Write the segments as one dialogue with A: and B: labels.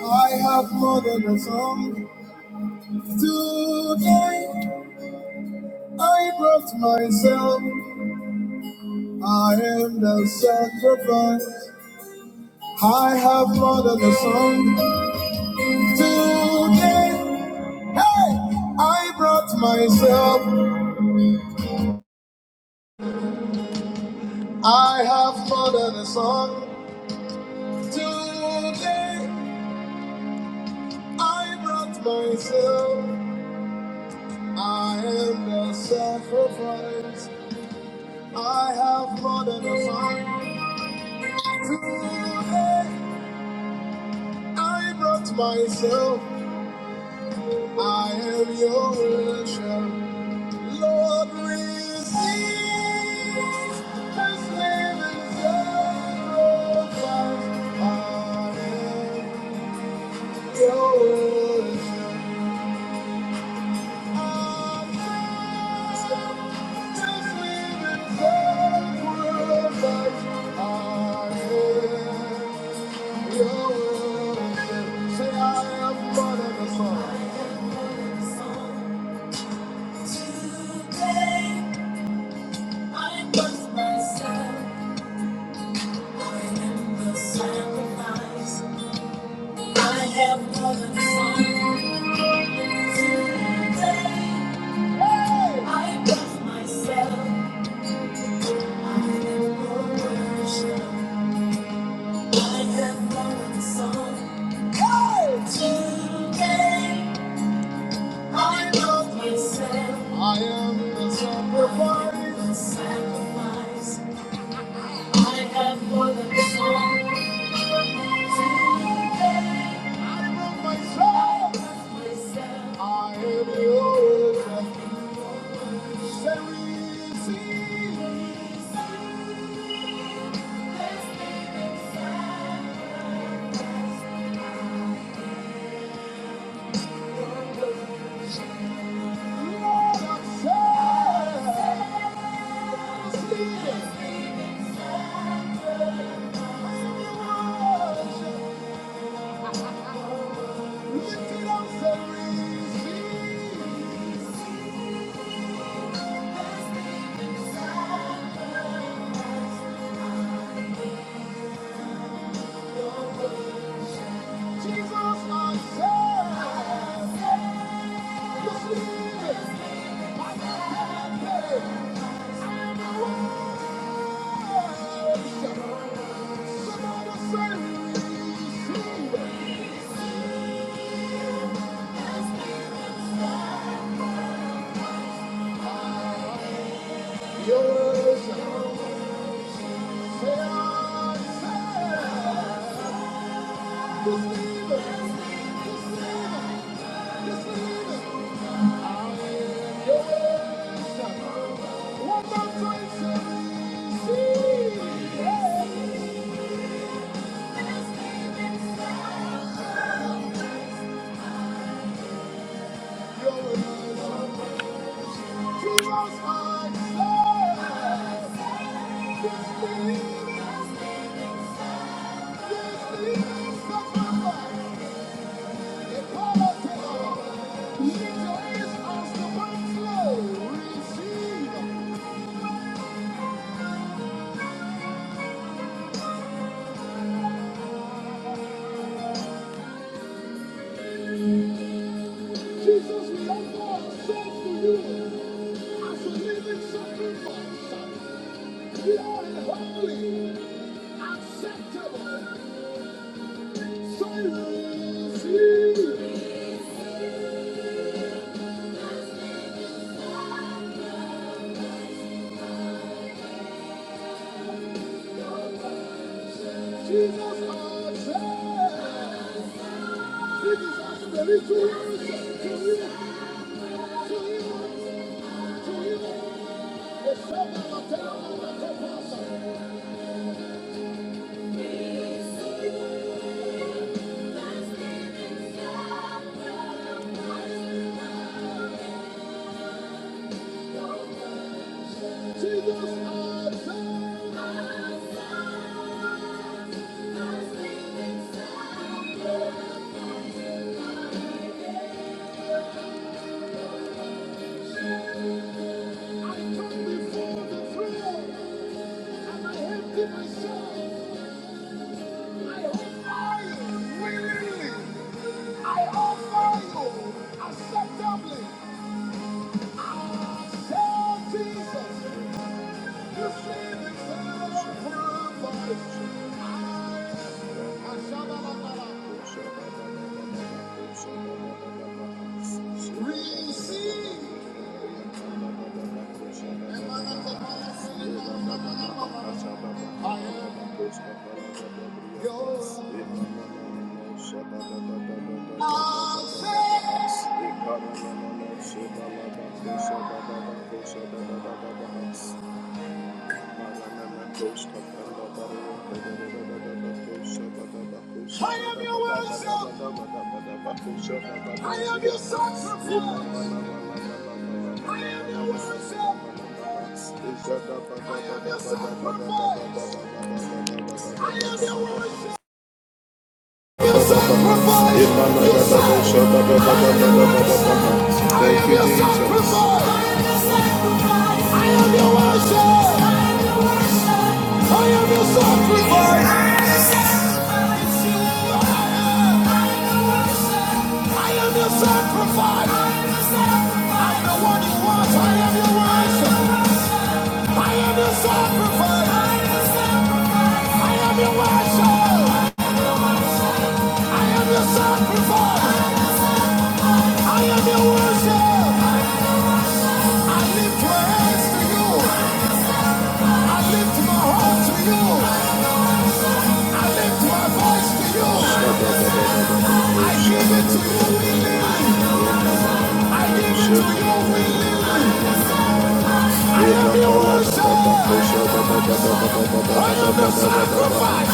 A: I have more than a song. Today I brought myself. I am the sacrifice. I have more than a song. Today, hey, I brought myself. I have more than a song. Today I brought myself. I am the sacrifice. I have more than a song. Today. I brought myself, I am your worship. Lord, receive this living sacrifice. I am your worship. I accept this living sacrifice. I am your worship. Say, I am more than a song. I am the sacrifice. I have more than a song. Your worship, say, I say. Jesus, we offer ourselves to you. as a living sacrifice, pure and holy, acceptable. So you Jesus has said, this is our spiritual worship to you, to you, to you. It's so that I tell you, Jesus, you see this love for life. Receive. I am your worship. I am your sacrifice. I am your worship. I am your sacrifice. I am your worship. Thank you, Jesus. I am your worship. I am your sacrifice. I give it to you willingly. I give it to you willingly. I am your worship. I am your sacrifice.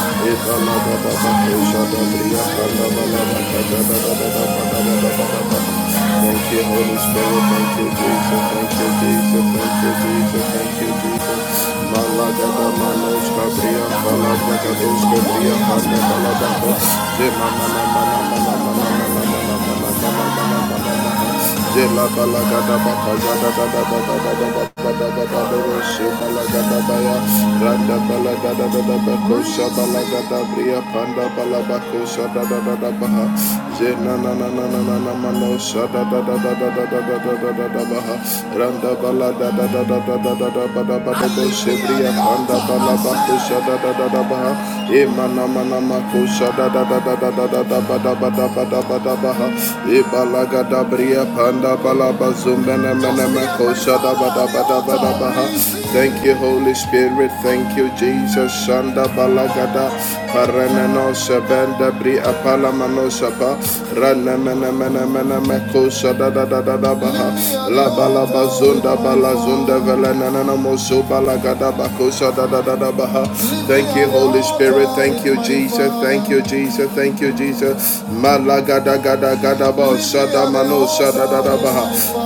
A: Thank you, Holy Spirit. Thank you, Jesus. Thank you, Jesus. Thank you, Jesus. Thank you, Jesus. Malagada manos kabria palabra kados kabria palabra palabra. Zema mana mana mana mana mana mana mana mana mana. Jela balagada bakaja da da da da da da da da da da da da da roshi balagada baya randa balagada da da bakosha balagada bria panda balabakosha da da da da baha jena na na na na na na manosha da da da da da da da da da da da da baha randa balada da da da da da da da ba da ba da roshi bria panda balabakosha da da da da baha e mana mana makosha da da da da da da da da ba da ba da ba da ba da baha Balaka, Ibalaga Dabria Panda Balaba Zumbana Menamako Shadabadabadabadabaha. Thank you, Holy Spirit. Thank you, Jesus. Shanda Balagada Paranano Shabanda Bri Apalamano Shapa Rana Mena Mena Mena Meko baha, La Balaba Zunda Balazunda Velanana Mosu Balagada Bako baha. Thank you, Holy Spirit. Thank you, Jesus. Thank you, Jesus. Thank you, Jesus. Mala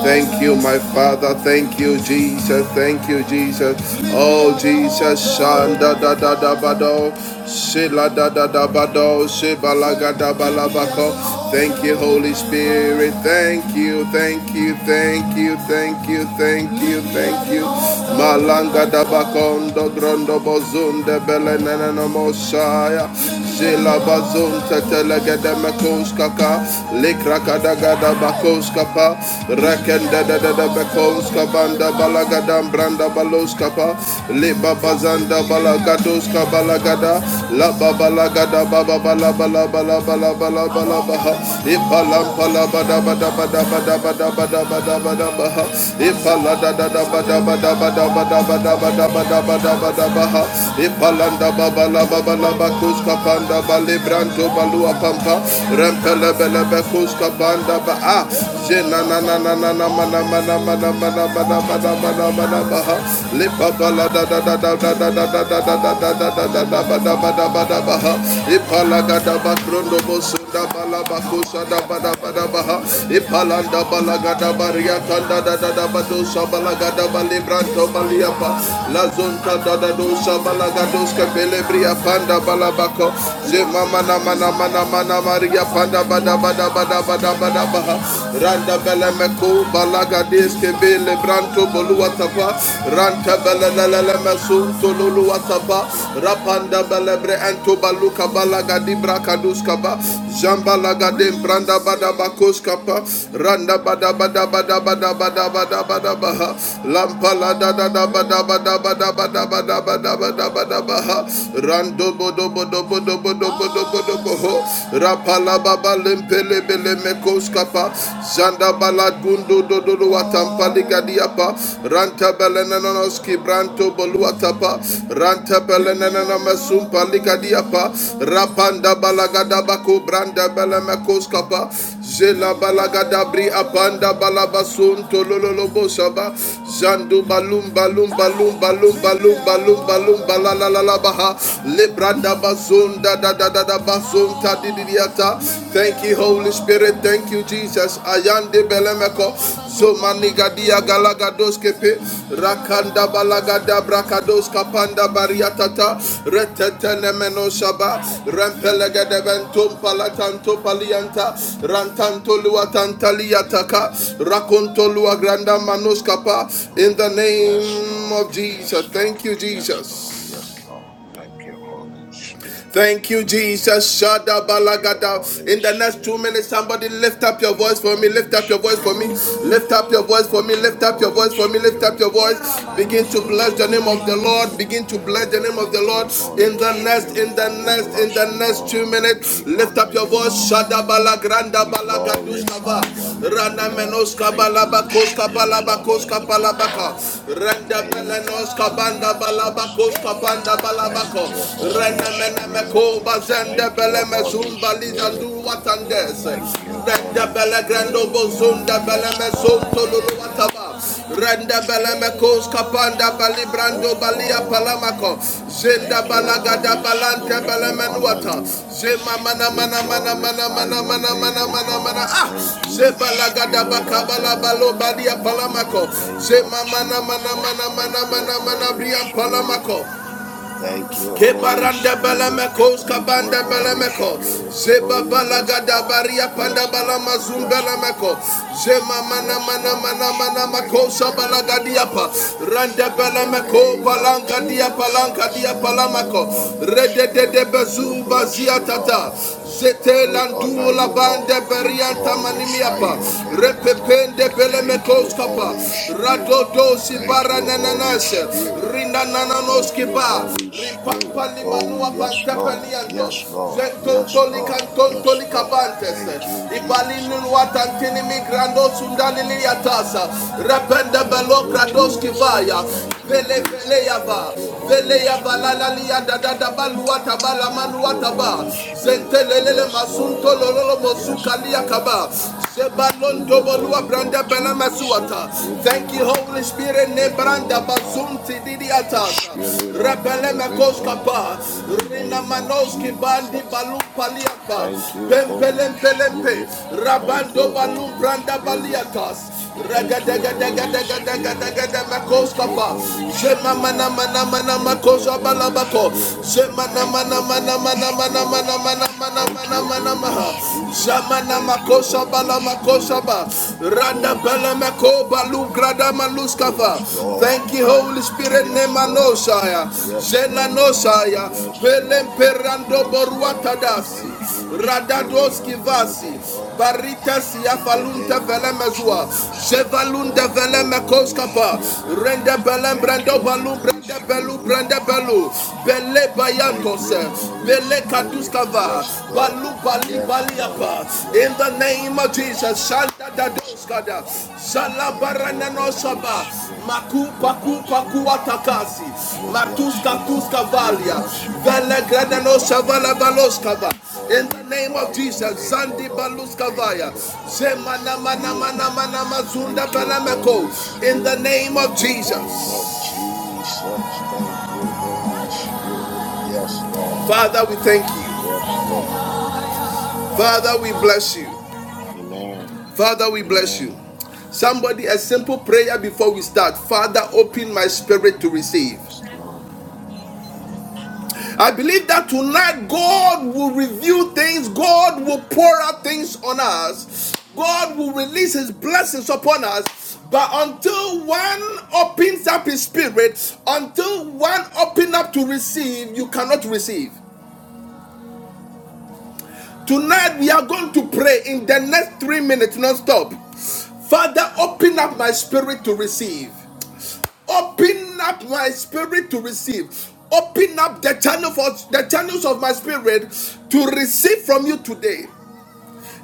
A: Thank you, my Father. Thank you, Jesus. Thank you, Jesus. Oh, Jesus, shanda da da da ba do. Shila da da da ba do. Shibalaga da ba ba ko. Thank you, Holy Spirit. Thank you, thank you, thank you, thank you, thank you, thank you. Malanga da ba kondo grondo bozunde beleneneno mosaya. Shila bazunte tele legede mekos kaka likrakada gada bakos kapa rekende de de de bekos kabanda balagadam branda balos kapa libabazanda balagados kabalagada la babalagada baba bala bala bala bala bala bala baha ipalam pala bada bada bada bada bada bada bada bada baha ipala da da da bada bada bada bada bada bada bada bada bada baha ipalanda baba la baba la bakus kapanda balibra Shanto Balua Pampa, Rampele Bele Bekuska Banda Ba, Zena Na Na Na Na Na Mana Mana Mana Mana Mana Mana Mana Mana Baha, Lipa Bala Da Da Da Da Da Da Da Da Da Da Da Da Da Da Da Da Ba Da Ba Da Ba Da Baha, Ipala Gada Bakrondo Bosu Da Bala Bakusa Da Ba Da Ba Da Baha, Ipalanda Bala Gada Baria Kanda Da Da Da Ba Dosa Bala Gada Balibranto Baliapa, La Zonta Da Da Dosa Bala Gadoska Pelebria Panda Balabako, Lord. mama mana mana mana Maria panda bada bada bada bada bada baha. Randa bele meko balaga diske bele branto bolu atapa. Ranta bele lele leme sunto lulu atapa. Rapanda bele bre ento baluka balaga di braka ba. Jamba laga dem branda bada bakos kapa. Randa bada bada bada bada bada bada bada baha. Lampa la da da da bada bada bada bada bada bada bada bada baha. Rando dobo dobo dobo dobo dobo dobo dobo ho. Rapala baba lempele bele mekos kapa. Zanda balad gundo do do do watampa ligadiapa. Ranta belenanoski branto boluatapa. Ranta belenanamasum paligadiapa. Rapanda balagada bako branda belemekos kapa. Zela balagada bri apanda balabasun tolololobo shaba. Zandu balum balum balum balum balum balum balum balum thank you holy spirit thank you jesus ayande belemeko zomaniga dia galagados kepe rakanda balagada brakados kapanda bariatata retetene menosaba rempelegede ventum palatanto palianta rantanto luatanta liataka rakonto luagranda manos kapa in the
B: Yes,
A: name
B: Lord.
A: of Jesus
B: Yes, Lord.
A: thank you
B: Yes,
A: Jesus
B: Lord. Yes, Lord. Thank you, Holy Spirit.
A: Thank you, Jesus. Shada
B: Thank you,
A: balagada.
B: Holy
A: In the next two
B: Spirit.
A: minutes, somebody lift up
B: Thank
A: your
B: you,
A: voice for me.
B: Holy
A: Lift up your voice for me.
B: Spirit.
A: Lift up your voice for me.
B: Thank
A: Lift
B: you,
A: up your
B: Holy
A: voice for me. Lift up
B: Spirit.
A: your voice. Begin
B: Thank
A: to
B: you,
A: bless the
B: Holy
A: name of the Lord.
B: Spirit.
A: Begin to bless the name of the
B: Thank you,
A: Lord. In
B: Holy
A: the next, in
B: Spirit.
A: the
B: We
A: next, in
B: bless
A: the
B: you,
A: next two
B: Lord.
A: minutes,
B: We
A: lift
B: honor
A: up your
B: you,
A: voice.
B: Lord.
A: Shada balagranda
B: We glorify
A: balagaduskava.
B: your name, O
A: Rana
B: Lord.
A: menoska
B: Thank you,
A: balabakoska
B: Spirit of the
A: balabakoska
B: living
A: palabaka.
B: God, in the
A: Renda
B: name of
A: belenoska banda
B: Jesus.
C: Thank
A: balabakoska
C: you,
A: banda
C: Jesus.
B: Thank
A: balabako.
B: you,
C: Thank you,
B: Holy
C: Jesus. Thank
B: Spirit.
C: you,
A: Renemenemeko
C: Jesus. Oh,
A: bazende
B: Thank you,
A: bele
B: Holy
A: mezumba
B: Spirit.
A: lizandu
C: Father,
A: watandes.
C: in the mighty
B: Thank you,
C: name of
A: Rende
B: Holy
A: bele
C: Jesus, we
A: grando
B: Spirit.
C: thank you
B: Oh,
A: bozunda bele
C: for
B: yes,
C: being able
A: mesonto
C: to
B: Lord.
C: be
A: lulu
C: here.
B: Yes,
A: wataba. Rende
C: Father,
A: bele
C: in the mighty
A: mekos
C: name of
A: kapanda bali
C: Jesus,
A: brando
B: yes,
C: covered
A: balia
C: by the
B: Lord.
C: blood,
A: palamako.
C: thank you
A: Zenda
C: for
B: Thank
C: the
B: you,
C: time that
A: balagada
B: Holy
C: we're here
A: balante
B: Spirit.
A: bele
B: We
C: together.
B: honor
A: menuata.
B: you.
C: We just
A: Zema
C: pray
A: mana
B: We
C: in the
A: mana
C: mighty
A: mana
C: name
A: mana
C: of
B: glorify
A: mana
B: your
A: mana
C: Jesus that
B: name,
A: mana
C: you
B: O
C: would
A: mana mana
C: cover
B: God.
C: and
A: ah.
B: Thank
C: protect
B: you,
C: us.
A: Zebalagada
C: Oh,
B: Spirit of the
C: Father,
A: bakabala balo
C: thank
B: living
C: you
A: balia
B: God, in the
C: that
A: palamako.
C: we are
B: name of
C: gathered
A: Zema
C: here
A: mana mana
C: today
B: Jesus.
A: mana
B: Thank
A: mana
B: you,
A: mana
C: to
A: mana
B: Holy
C: bless
A: brian
C: your name
B: Spirit.
C: and
A: palamako.
C: build each other up in
B: Thank
D: Heavenly
C: the
B: you,
C: name of
B: Holy
A: Kebaranda
C: Jesus.
B: Spirit.
A: balamekos
B: Thank
C: Oh,
B: you,
A: kabanda
B: Holy
C: Father,
A: balameko.
C: thank
B: Spirit.
C: you. We
A: Zeba
B: Oh,
C: thank you.
B: yes,
A: balagada
B: Lord.
A: baria panda
B: Yes,
C: Oh,
A: balama
B: Lord.
C: Father,
B: Yes, Lord.
A: zumbelameko. Zema mana
B: Yes,
A: mana
B: Lord.
A: mana mana
B: Spirit of
A: makosa
B: the living
A: balagadiapa.
B: God.
A: Randa
B: In the
C: oh,
A: balameko
B: name
C: Father,
B: of
C: in
A: balanka
C: the
A: dia
C: name of
A: palanka
B: Jesus.
A: dia
C: Jesus,
B: Thank you,
C: our
A: palamako.
C: Father,
B: Holy
A: Rede de de
B: Spirit.
C: we
B: We
A: bezu
C: praise your
B: bless
A: bazia
B: you,
C: holy name.
B: Lord.
A: tata. Zete
B: We
A: landu
B: honor
A: la
B: you,
A: bande
B: Lord. We
A: berianta
B: glorify
A: manimiapa.
B: your name, O Lord.
A: Repepende
B: Thank
A: belemekos
B: you,
A: kapa.
B: Holy Spirit.
A: Radodo
B: Thank
A: sibara
B: you, Holy
A: nananas.
B: Spirit.
A: Rina nananos
B: Thank you,
A: kiba.
B: Holy Spirit.
A: Ripapa
B: Oh,
A: limanua
B: yes, Lord.
A: pantepelianto.
B: Yes, Lord. Yes,
A: Zentontoli
B: Lord. Yes,
A: cantontoli
B: Lord.
A: cabantes.
B: Thank you,
A: Ibalinu
B: Jesus.
A: watantini migrando sundali liatasa. Repende
B: Thank
A: belo
B: you,
A: krados
B: Jesus.
A: kivaya.
B: Thank you,
A: Vele
B: Jesus.
A: vele yava.
B: Thank you,
A: Vele
B: Holy
A: yava la
B: Spirit.
A: la liya da da da ba luwa ta ba la ma
B: Thank
A: luwa
B: you,
A: ta
B: Holy
A: ba.
D: grief
B: Spirit.
A: Zentelelele
B: Yes,
A: masunto
B: Lord.
A: lolo
B: Yes,
A: mosuka liakaba.
B: Lord.
A: Sebalon
B: In the
A: dobolua
B: name
A: branda
B: of
A: bela
B: Jesus,
A: masuata. Thank you, Holy
B: Ribuambana,
A: Spirit. Ne branda
B: Ribuambana,
A: basunti didi
B: the
A: atasa.
B: Spirit of the
A: Rebele
B: Living God,
A: mekoskapa.
B: in the
A: Rina
B: name of
A: manoski bandi
B: Jesus.
A: balu paliapa.
B: Thank you,
A: Pempelem
B: Holy
A: pelempe.
B: Spirit.
C: In the name
B: Thank
A: Rabando
B: you,
C: of
A: balum
B: Holy
A: branda
B: Spirit.
C: Jesus.
A: baliatas.
B: Thank
C: Thank you,
B: you, Holy
C: Father. Thank you,
B: Spirit.
C: Father. Thank
B: Thank
C: you,
B: you,
A: Ragadagadagadagadagadagadamakoskapa.
C: Father.
B: Holy
C: Thank you,
B: Spirit.
C: Father.
B: Thank you, Holy Spirit.
A: Zemamanamanamanamakosabalabakosa
B: Thank
A: mana
B: you,
A: mana
B: Holy
A: mana mana mana
B: Spirit.
A: mana mana mana
B: Thank
A: mana
B: you,
A: mana
B: Holy
A: maha.
B: Spirit.
A: Zamana
B: Thank you,
A: makosha
B: Holy
A: bala makosha
B: Spirit.
A: ba. Randa
B: Oh,
A: bala mako balu grada maluskava.
B: yes, Lord.
A: Thank you, Holy Spirit.
B: Yes,
A: Nema no
B: Lord.
A: shaya.
B: Yes,
A: Zena no
B: Lord.
A: shaya.
B: Yes,
A: Pelem
B: Lord.
A: perando
B: Yes,
A: boruata
B: Lord.
A: dasi.
B: Thank you, Spirit
A: Radadoski
B: of the living
A: vasi.
B: God.
A: Barita siya
B: In the
A: falunta
B: name
A: vele
B: of
A: mezua.
B: Jesus,
A: Chevalunda
B: thank
A: vele
B: you, Holy
A: mekoskapa.
B: Spirit.
A: Rende belen
B: Thank
A: brando
B: you,
A: balum
B: Holy
A: brande belu
B: Spirit.
A: brande belu. Bele
B: Thank
A: bayantos.
B: you, Holy
A: Bele
B: Spirit.
A: kaduskava.
B: Yes, Lord.
A: Balu bali
B: Yes, Lord.
A: baliapa. In
B: Yes,
A: the
B: Lord.
A: name of
B: Yes,
A: Jesus.
B: Lord.
A: Shanda
B: Yes,
A: dadoskada.
B: Lord. Thank you,
A: Shalabarana no
B: Holy
A: shaba.
B: Spirit.
A: Maku
B: we
A: paku
B: bless you,
A: paku
B: Lord.
A: atakasi.
B: we bless you,
A: Matuska
B: Lord.
A: tuska
B: we
A: valia.
B: bless you, Lord.
A: Vele
B: We
A: grada no
B: honor you,
A: shavala
B: Lord. We
A: valoskava. In the name
B: glorify
A: of
B: your
A: Jesus,
B: name, O
A: Zandi
B: Lord. Thank
A: Baluskavaya,
B: you, Holy
A: Zemana Mana
B: Spirit.
A: Mana Mana Mazunda
B: Thank you,
A: Balameko.
B: Holy
A: In the
B: Spirit,
A: name of
B: in the name
A: Jesus,
B: of Jesus. Thank you, Holy Spirit. Yes, Lord.
A: Father, we thank you.
B: Yes, Lord.
A: Father, we bless you.
B: Amen.
A: Father, we bless you.
B: Amen.
A: Somebody, a simple prayer before we start. Father, open my spirit to receive.
B: Yes, Lord. Yes, Lord.
A: I believe that tonight God will reveal things, God will pour out things on us, God will release His blessings upon us. But until one opens up his spirit, until one opens up to receive, you cannot receive. Tonight we are going to pray in the next three minutes non-stop. Father, open up my spirit to receive. Open up my spirit to receive. Open up the channel for the channels of my spirit to receive from you today.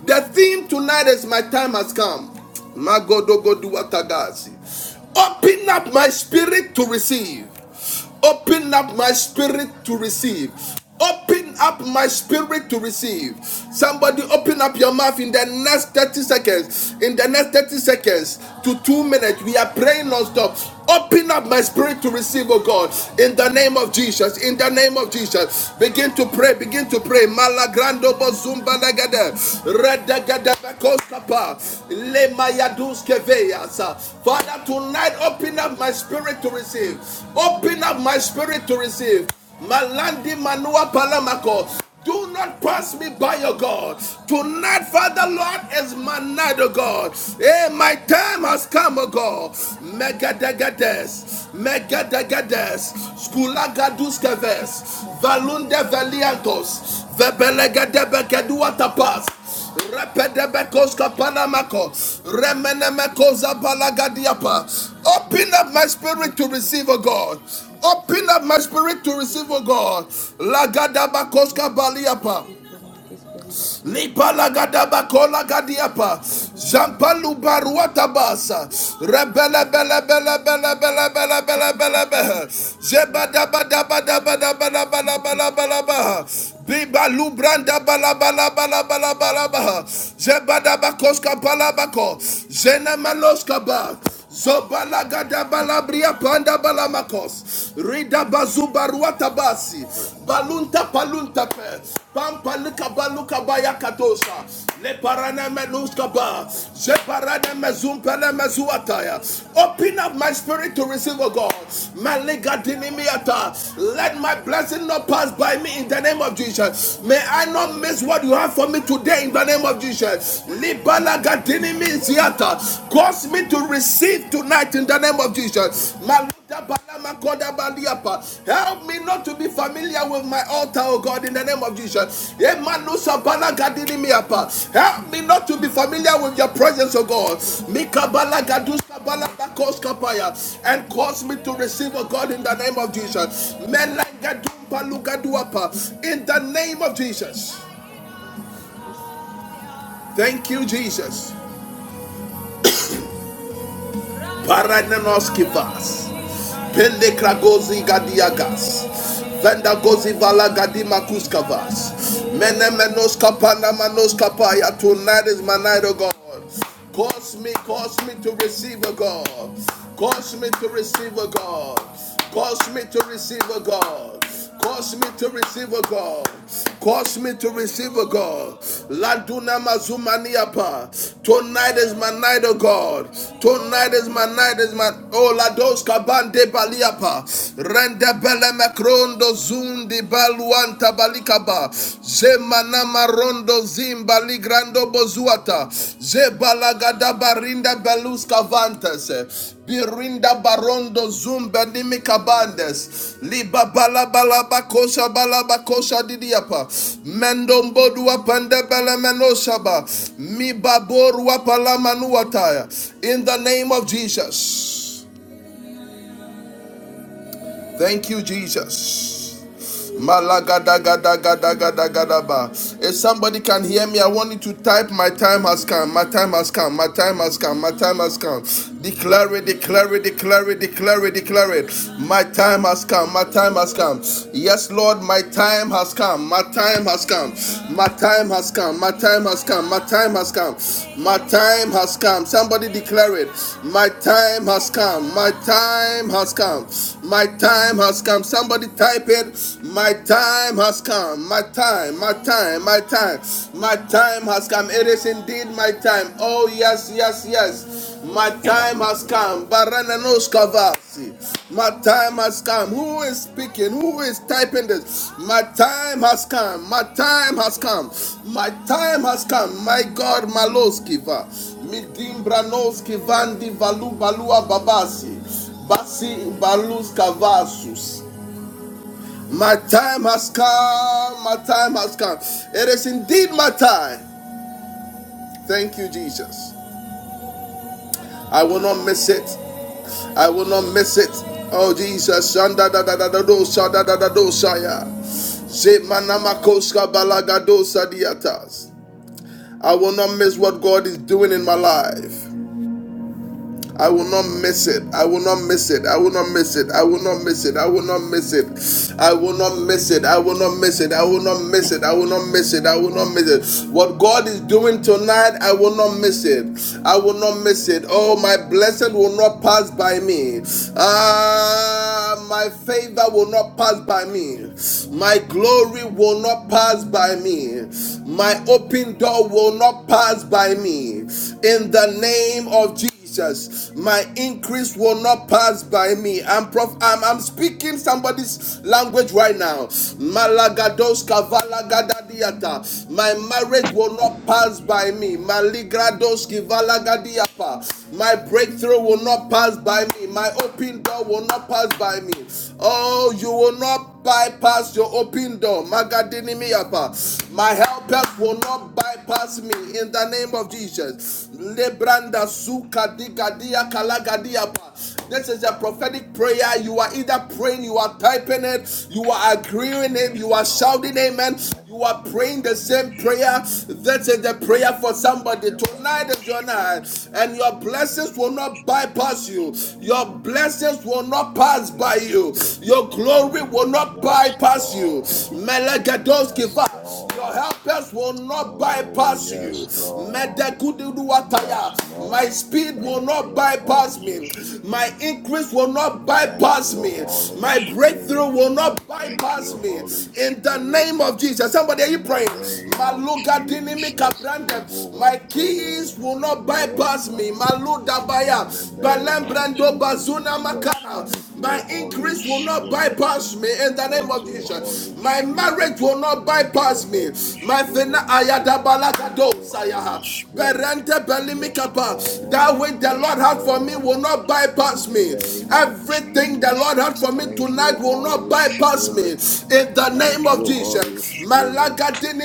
A: The theme tonight is my time has come. Magodogoduwatagasi. Open up my spirit to receive. Open up my spirit to receive. Open up my spirit to receive. Somebody open up your mouth in the next 30 seconds. In the next 30 seconds to two minutes, we are praying non-stop. Open up my spirit to receive, oh God, in the name of Jesus. Jesus. In the name of Jesus. Begin to pray. Begin to pray. Malagrando bozumba lagada. Redagada bakoskapa. Lemayaduske veyasa. Father, tonight open up my spirit to receive. Open up my spirit to receive. Malandi manua palamako. Do not pass me by, your God. Tonight, Father Lord, is my night, O God. Hey, my time has come, O God. Megadagades, Megadagades, Skulagaduskaves, Valunde Valiantos, Vebelegadebekeduatapas. Repedebekos kapanamako. Remenemekos abalagadiapa. Open up my spirit to receive, O God. Open up my spirit to receive, O
D: must
A: God. Lagadabakos kabaliapa.
D: be for me this very of you.
A: Lipalagadaba kola gadiapa.
D: Whenever I'm
A: Zampalu
D: about
A: baruata basa. Rebele bele bele bele bele bele bele
D: to
A: bele bele.
D: about
A: Zeba daba daba daba daba daba
D: to
A: daba
D: be
A: daba daba.
D: about to
A: Biba lubranda bala bala bala bala bala bala. Zeba daba
D: let
A: koska bala bako. Zena maloska ba. Zobalagada balabria panda balamakos. Rida bazuba ruatabasi.
D: me
A: Balunta palunta pe. Pampa luka baluka bayakatosa. Le parana meluska ba. Je parana mezum pele mezuataya. Open up my spirit to receive, O God. Maliga dinimiata. Let my blessing not pass by me in the name of Jesus. May I not miss what you have for me today in the name of Jesus. Liba Cause me to receive tonight in the name of Jesus. Help me not to be familiar with my altar, oh God, in the name of Jesus. Help me not to be familiar with your presence, oh God.
D: life
A: And cause me to receive, oh God, in the name of Jesus.
D: to live
A: In the name of Jesus.
D: rather than this day.
A: Thank you, Jesus. Parananos kivas. Pende kragozi gadiagas. Venda vala gadima kuskavas. Menemenos menos kapana manos kapaya. Tonight is my night, oh God. Cause me, cause me to receive a God. Cause me to receive a God. Cause me to receive a God. Cause me to receive a God. Cause me to receive a God. Laduna mazumaniapa. Tonight is my night, oh God. Tonight is my night, is my oh lados kabande baliapa. Rende bele macrondo zundi baluanta balikaba. Zemana marondo zimbali grande Mando Bozuata, Zebalagada Barinda Belus Cavantes, Birinda Barondo Zumba Nimikabandes, Liba Balabalaba Kosha Didiapa, Mendombodua Pandebele Menoshaba, Mibaborua Palamanuataya, in the name of Jesus. Thank you, Jesus. Malagadagadagadagadagadaba. If somebody can hear me, I want you to type, My time has come, my time has come, my time has come, my time has come. Declare it, declare it, declare it, declare it, declare it. My time has come, my time has come. Yes, Lord, my time has come, my time has come, My my time has come. My time has come. My time has come. My time has come. Somebody declare it. My time has come. My time has come. My time has come. Somebody type it. My time has come. My time. My time. My time. My time has come. It is indeed my time. Oh, yes, yes, yes. My time has come. Barananos Kavasi. My time has come. Who is speaking? Who is typing this? My time has come. My time has come. My time has come. My God, Maloskiva. Midim Branoski Vandi Valu Balua Babasi. Basi Balus Kavasus. My time has come. My time has come. It is indeed my time. Thank you, Jesus. I will not miss it. I will not miss it. Oh Jesus, shanda da da da da dosa da da da do sha ya. Ze manamakoska balagadosa diatas. I will not miss what God is doing in my life. I will not miss it. I will not miss it. I will not miss it. I will not miss it. I will not miss it. I will not miss it. I will not miss it. I will not miss it. I will not miss it. I will not miss it. What God is doing tonight, I will not miss it. I will not miss it. Oh, my blessing will not pass by me. Ah, my favor will not pass by me. My glory will not pass by me. My open door will not pass by me. In the name of Jesus. Jesus. My increase will not pass by me. I'm prof- I'm, I'm speaking somebody's language right now. Malagados kavalagadiata. My marriage will not pass by me. Maligrados kivalagadiapa. My breakthrough will not pass by me. My open door will not pass by me. Oh, you will not bypass your open door. Magadinimiapa. My helpers will not bypass me in the name of Jesus. Lebranda suka digadia kalagadiapa.
B: Yes,
A: This is a
B: Lord.
A: prophetic prayer. You are either praying, you are typing it, you are agreeing it,
B: Yes,
A: you are
B: Lord.
A: shouting amen,
B: Thank
A: you are
B: you,
A: praying the
B: Holy
A: same prayer.
B: Spirit.
A: This is the prayer for
B: Thank
A: somebody.
B: you,
A: Tonight
B: Holy
A: is your night,
B: Spirit.
A: and
B: In
A: your
B: the
A: blessings
B: name
A: will
B: of
A: not bypass
B: Jesus,
A: you.
B: by the
A: Your
B: power of the
A: blessings will not pass
B: Holy
A: by
B: Spirit.
A: you. Your glory will not
B: Oh,
A: will not
B: yes,
A: bypass you.
B: Lord. Yes,
A: Melegedoskiva. Your
B: Lord.
A: helpers will not
B: Oh,
A: bypass you.
B: yes, Lord.
A: Medekududuwataya.
B: Yes,
A: My
B: Lord.
A: speed will
B: Thank
A: not
B: you,
A: bypass
B: Holy
A: me. My
B: Spirit.
A: increase will not
B: Thank
A: bypass
B: you,
A: me.
B: Holy
A: My
B: Spirit.
A: breakthrough will not
B: Thank
A: bypass
B: you,
A: me.
B: Holy
A: In the
B: Spirit.
A: name of Jesus. Somebody, are you
B: In the
A: praying?
B: name of
A: Maluga dinimika
B: Jesus,
A: brandem. My
B: Ribowandara,
A: keys will not bypass me.
B: Ribowandara.
A: Maluda baya.
B: In the name
A: Balem
B: of
A: bazuna
B: Jesus, thank
A: makana. My
B: you, Holy
A: increase will not
B: Spirit.
A: bypass me in the name
B: Thank
A: of
B: you,
A: Jesus.
B: Holy
A: My
B: Spirit.
A: marriage will not
B: Thank you,
A: bypass me.
B: Holy
A: My fina
B: Spirit. Thank
A: ayadabalakado
B: you, Holy
A: sayaha.
B: Spirit.
A: Berente
B: Yes,
A: belimikapa. That
B: Lord.
A: which the
B: Yes,
A: Lord had for me
B: Lord.
A: will not
B: In
A: bypass
B: the
A: me.
B: name of
A: Everything the Lord had
B: Jesus,
A: for me
B: thank you,
A: tonight will not
B: Holy
A: bypass me.
B: Spirit.
A: In the name
B: Thank
A: of
B: you, Holy
A: Jesus.
B: Spirit.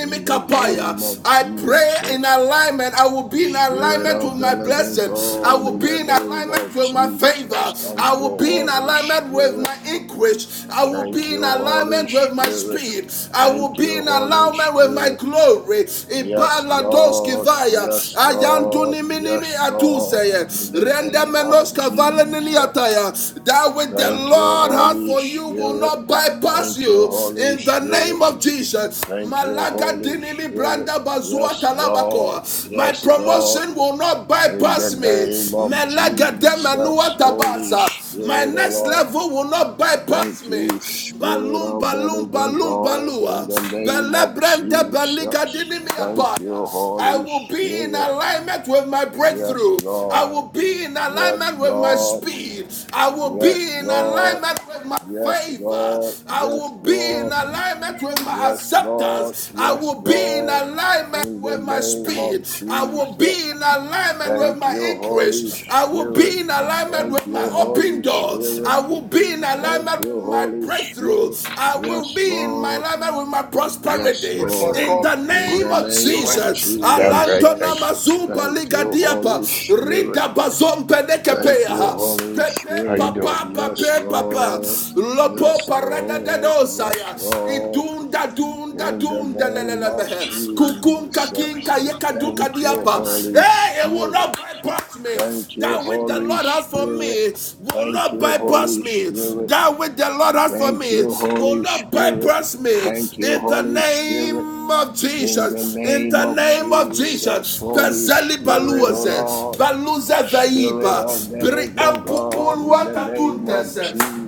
B: In the name of
A: I pray in
B: Jesus,
A: alignment. I will be in
B: Spirit
A: alignment with
B: of the
A: my blessing
B: living
A: blessing. I
B: God,
A: will
B: in
A: be
B: the
A: in
B: name
A: alignment
B: of
A: with my favor.
B: Jesus, thank
A: I
B: you,
A: will be in
B: Holy
A: alignment with
B: Spirit.
A: my increase. I will
B: Thank
A: be
B: you,
A: in
B: Holy
A: alignment with my
B: Spirit.
A: speed. I will
B: Thank
A: be
B: you,
A: in
B: Holy
A: alignment with my
B: Spirit.
A: glory.
B: Yes,
A: Ibaladoski
B: Lord.
A: vaya.
B: Yes, Lord.
A: Ayanduni minimi
B: Yes, Lord. In
A: atuseye.
B: the
A: Rende
B: name of
A: valenini
B: Jesus.
A: ataya. That which the
B: Thank you,
A: Lord has
B: Holy
A: for you will
B: Spirit.
A: not bypass
B: Thank
A: you
B: you, Holy
A: in the
B: Spirit.
A: name of Jesus.
B: Thank you,
A: Malaga
B: Holy
A: dinimi
B: Spirit.
A: Lebranda Bazua
B: Yes, Lord.
A: Talabakoa. My
B: Yes, Lord.
A: promotion will not
B: In the
A: bypass me.
B: name of
A: Melagade Manua
B: Jesus, Holy
A: Tabasa. My
B: Spirit, O
A: next
B: Lord.
A: level will not bypass
B: Thank
A: me.
B: you, Spirit
A: Balum
B: of the
A: balum
B: living
A: balum
B: God. In
A: balua.
B: the name of
A: Belebranda
B: Jesus. Thank
A: Beligadinimiapaya.
B: you,
A: I
B: Holy
A: will be in
B: Spirit.
A: alignment with my
B: Yes,
A: breakthrough. I
B: Lord.
A: will be in
B: Yes,
A: alignment with my
B: Lord.
A: speed. I will be
B: Yes,
A: in
B: Lord.
A: alignment with my
B: Yes,
A: favor.
B: Lord.
A: I
B: Yes,
A: will be in
B: Lord.
A: alignment with my
B: Yes, Lord.
A: acceptance. I
B: Yes,
A: will be in
B: Lord.
A: alignment
B: In the
A: with my
B: name of
A: speed. I will
B: Jesus.
A: be in alignment with
B: Thank
A: my
B: you, Holy
A: increase. I will
B: Spirit.
A: be in alignment
B: Thank
A: with
B: you,
A: my
B: Holy
A: open doors.
B: Spirit.
A: I will be in
B: Thank
A: alignment with
B: you,
A: am my
B: Holy
A: breakthrough.
B: Spirit.
A: I will
B: Yes,
A: be in my
B: Lord.
A: life with my
B: Yes,
A: prosperity.
E: One more
A: In
B: Lord.
E: call.
A: the
E: It's
B: In
E: good.
A: name
B: the
A: of
E: You all
B: name
E: right?
B: of
A: Jesus.
E: Yeah, I'm great.
A: Alantona
B: Jesus.
E: Thanks.
A: mazumba
B: Thank you,
A: ligadiapa.
B: Holy Spirit.
A: Rida bazompe
B: Thank you,
A: nekepea.
B: Holy
A: Pepe
E: How you
B: Spirit.
E: doing?
A: papa
E: Good.
B: Yes,
A: pape papa.
B: Lord.
A: Lopo
B: Yes,
A: parada
B: Lord. Yes,
A: dedosaya.
B: Lord.
A: Idunda dunda
B: In the
A: dunda
B: name of
A: lelelemehe. Kukunka
B: Jesus.
A: kinka yeka duka
B: Thank you,
A: diapa.
B: Holy
A: Hey, it will
B: Spirit.
A: not bypass me.
B: Thank
E: This
B: you,
A: That
E: place
A: which
E: is
A: the
B: Holy
A: Lord
E: nice.
A: has for
B: Spirit.
A: me will
B: Thank
A: not
B: you,
A: bypass
B: Holy
A: me.
B: Spirit.
A: That which the Lord has for
B: Thank
A: me
B: you,
A: will
B: Holy
A: not
B: Spirit.
A: bypass me.
B: Thank you,
A: In the
B: Holy Spirit.
A: name of
B: In the
A: Jesus, in
B: name
A: the
B: of
A: name of
B: Jesus,
A: Jesus,
B: Holy
A: Pezeli
B: Spirit, O
A: Baluze,
B: Lord.
A: Baluze
B: Spirit
A: Veiba,
B: of the living God,
A: Briampupul
B: in the name of
A: Watatuntes,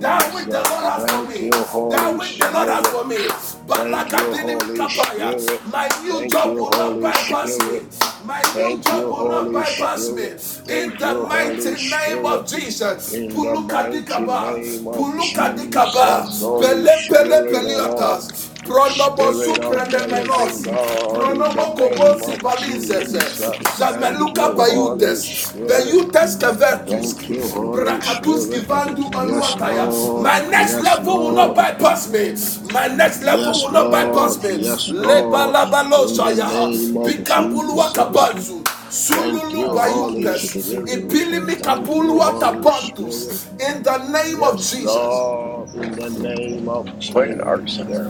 A: that which the Lord has for
B: Thank you,
A: me
B: Holy
A: that which the Lord has
B: Spirit.
A: for me.
B: Thank you,
A: Balagadini
B: Holy
A: mikapaya.
B: Spirit.
A: My new
B: Thank
A: job
B: you,
A: will not
B: Holy
A: bypass me.
B: Spirit.
A: My new
B: Thank
A: job
B: you,
A: will not
B: Holy
A: bypass me.
B: Spirit.
A: In
B: Thank
A: the
B: you,
A: mighty
B: Holy
A: name of
B: Spirit.
A: Jesus.
B: In the mighty
A: Pulukadikaba.
B: name of
A: Pulukadikaba.
B: Jesus, Holy
A: Pele pele
B: Spirit, O Lord.
A: peliotas. Prondobo
B: Spirit of
D: The
B: the
D: books
B: living
A: suprendemenosi.
D: into the
B: God, in the
D: devil,
A: Pronomo
D: into
B: name
A: kobosi
B: of
D: the books into
A: palinzes,
D: the
B: Jesus.
D: books
B: Thank
D: into
A: zameluka
B: you,
D: the devil.
B: Holy
A: bayutes,
B: Spirit.
A: bayutes
D: And seek it
B: Thank
D: to
B: you,
D: the
A: kevertuski,
B: Holy
D: devil, and
A: brakatuski
B: Spirit.
D: other
A: vandu
D: devil,
B: Yes,
D: seek
A: manuataya.
D: it to the
B: Lord.
A: My
D: devil,
A: next
B: Yes,
A: level will
D: into the
A: not
B: Lord.
D: devil.
A: bypass me. My
D: And
A: next
D: seek
A: level
B: Yes,
D: it
A: will
D: to
A: not
D: the
B: Lord.
D: devil,
A: bypass me.
D: and
B: Yes,
D: other devil,
A: Leba
B: Lord.
D: into the
A: labalo
B: In the
D: books
A: shayaha,
B: name
D: into the
B: of
D: devil,
A: pikambulua
D: into the
B: Jesus.
D: devil.
A: kabanzu,
B: Thank you,
A: sululu
E: Uh,
B: Holy
A: bayumpes,
B: Spirit.
A: ipilimi
B: Thank you,
A: kapulua
B: Holy Spirit.
A: tabantus. In the name of
B: Yes,
A: Jesus.
B: Lord. In the name of
E: quite an art
B: Jesus.
E: center.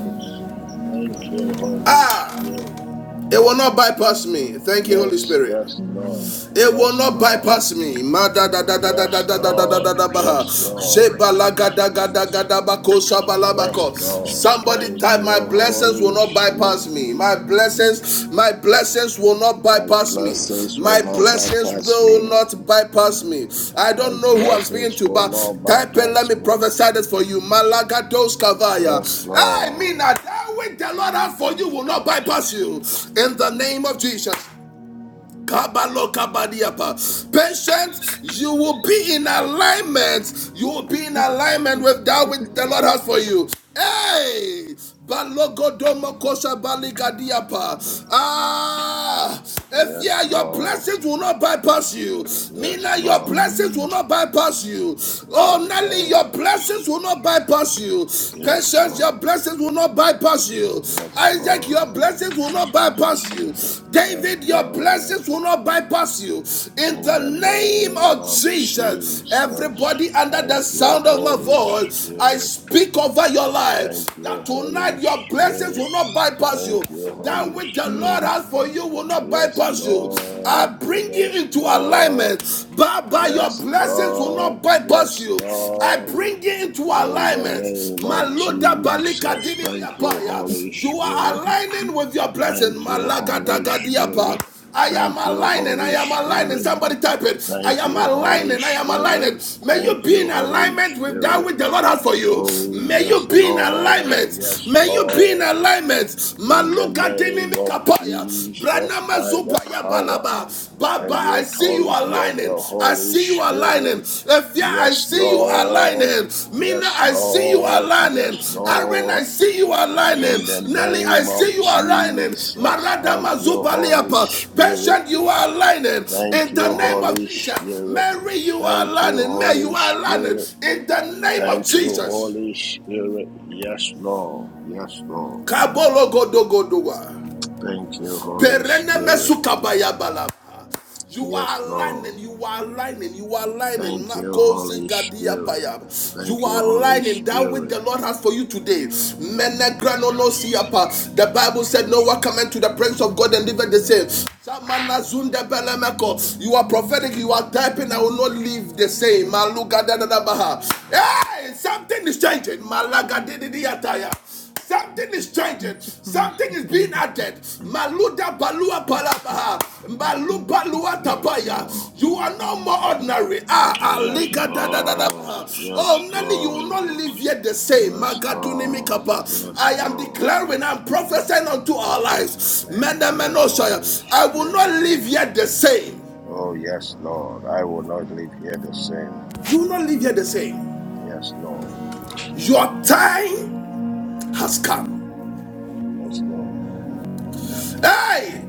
B: Thank you, Holy
A: Ah,
B: Spirit.
A: it will not bypass me. Thank you, Holy
B: Yes,
A: Spirit.
B: yes, Lord.
A: It will
B: Yes,
A: not
B: Lord.
A: bypass me.
B: Yes, Lord. Yes, Lord. Yes, Lord.
A: Somebody
B: Thank
A: type my
B: you,
A: blessings will
B: Holy
A: not bypass
B: Spirit.
A: me. My blessings, my blessings will not
B: My
A: bypass me.
B: blessings will
A: My
B: not
A: blessings
B: bypass
A: will
B: me.
A: not bypass me. I
B: My
A: don't know who I'm speaking
B: blessings
A: to,
B: will
A: but
B: not
A: type and let
B: bypass
A: me
B: me.
A: prophesy this for you. Malagados Kavaya.
B: Yes,
A: I mean
B: Lord.
A: that that which the Lord has for you will not bypass you. In the name of Jesus. Kabalokabadiapa. Patience, you will be in alignment. You will be in alignment with that which the Lord has for you. Hey! Balogodomo kosha baligadiapa. Ah! If
B: Yes,
A: yeah, your
B: Lord.
A: blessings will not bypass you.
B: Yes,
A: Mina, your
B: Lord.
A: blessings will not bypass you. Oh,
B: Yes,
A: Nelly, your
B: Lord.
A: blessings will not bypass you.
B: Yes,
A: Patience, your
B: Lord.
A: blessings will will not bypass you.
B: Yes,
A: Isaac, your
B: Lord.
A: blessings will not bypass you.
B: Yes,
A: David, your
B: Lord.
A: blessings will not bypass you. In
B: In
A: the
B: the
A: name
B: name
A: of
B: of
A: Jesus,
B: Jesus.
A: everybody under the
B: Thank you,
A: sound of my
B: Holy
A: voice, I
B: Spirit.
A: speak over your life
B: Thank you,
A: that
B: Holy
A: tonight your blessings
B: Spirit.
A: will not bypass you.
B: Thank you,
A: That
B: Holy
A: which the Lord
B: Spirit.
D: Anyway,
A: has for you will not
B: Yes,
A: bypass you. I
B: Lord.
A: bring you
B: Yes,
A: into
B: Lord.
A: alignment. Baba, your
B: Yes,
A: blessings will
B: Lord.
A: not bypass
B: Yes,
A: you. I
B: Lord.
A: bring you into
B: In the
A: alignment.
B: name of
A: Maloda balika
B: Jesus, thank you, Holy
A: dinimiapaya. You are
B: Spirit.
A: aligning with your blessing.
B: Thank you,
A: Malaga
B: Holy Spirit.
A: dagadiapa. I am
B: Thank you,
A: aligning. I
B: Holy
A: am aligning.
B: Spirit.
A: Somebody type it. I
B: Thank
A: am
B: you, Holy
A: aligning. I am
B: Spirit.
A: aligning. May you
B: Thank
A: be
B: you,
A: in
B: Holy
A: alignment with that
B: Spirit.
A: which the Lord has for you.
B: Oh,
A: May you
B: yes,
A: be in
B: Lord.
A: alignment.
B: Yes,
A: May you be in
B: Lord.
A: alignment.
B: In the
A: Maluka
B: name
A: dinimi
B: of
A: kapaya.
B: Jesus,
A: Branama
B: by the
A: zupaya
B: power
A: balaba. Baba,
B: and the
A: I see you
B: authority of
A: aligning.
B: the
A: I
B: Holy
A: see you aligning
B: Spirit.
A: aligning. Evia, I
B: Yes,
A: see you
B: Lord.
A: aligning. Mina,
B: Yes,
A: I see you
B: Lord.
A: aligning.
B: Yes,
A: Aaron,
B: Lord.
A: I see you
B: In
A: aligning.
B: the
A: Nelly, I
B: name of
A: see you aligning.
B: Jesus.
A: Marada
B: Thank you, Holy
A: Mazubaliapa,
B: Spirit.
A: patient, you are aligning.
B: Thank
A: In
B: you,
A: the name of
B: Holy
A: Jesus,
B: Spirit.
A: Mary, you are
B: Thank you,
A: aligning. May
B: Holy
A: you are aligning.
B: Spirit.
A: In the name of
B: Thank you,
A: Jesus.
B: Holy Spirit. Yes, Lord. Yes, Lord.
A: Kabolo Godogodua.
B: Thank you, Holy Spirit.
A: You
B: Yes,
A: are
B: Lord.
A: aligning, you are aligning, you are aligning.
B: Thank you,
A: Makosi
B: Holy
A: gadia
B: Spirit. Thank
A: You
B: you,
A: are
B: Holy
A: aligning that which
B: Spirit.
A: the Lord has for you today. Menegranono siapa. The Bible said, Noah come to the presence of God and lived the same. You are prophetic, you are typing, I will not live the same. Hey, something is changing. Malaga di ataya. Something is changing. Something
D: for
A: is
D: the
A: being
D: military
A: added.
D: as
A: Maluda balua
D: integrate
A: palabaha.
D: about
A: Malu balua
B: Yes,
A: tapaya.
B: Lord.
A: You are no more ordinary. Ah,
B: Yes,
A: alika da da da da.
B: Lord. Yes,
A: Oh, Nelly, you will not
B: Lord.
A: live yet the same.
B: Yes,
A: Magaduni
B: Lord.
A: mikapa.
B: Yes,
A: I am
B: Lord.
A: declaring, I'm prophesying unto our lives.
B: Thank
A: Menda
B: you, Holy
A: menoshaya. I will not
B: Spirit.
A: live yet the same.
B: Oh, yes, Lord. I will not leave here the same.
A: You will not live yet the same.
B: Yes, Lord.
A: Your time has come.
B: Yes, Lord.
A: Hey!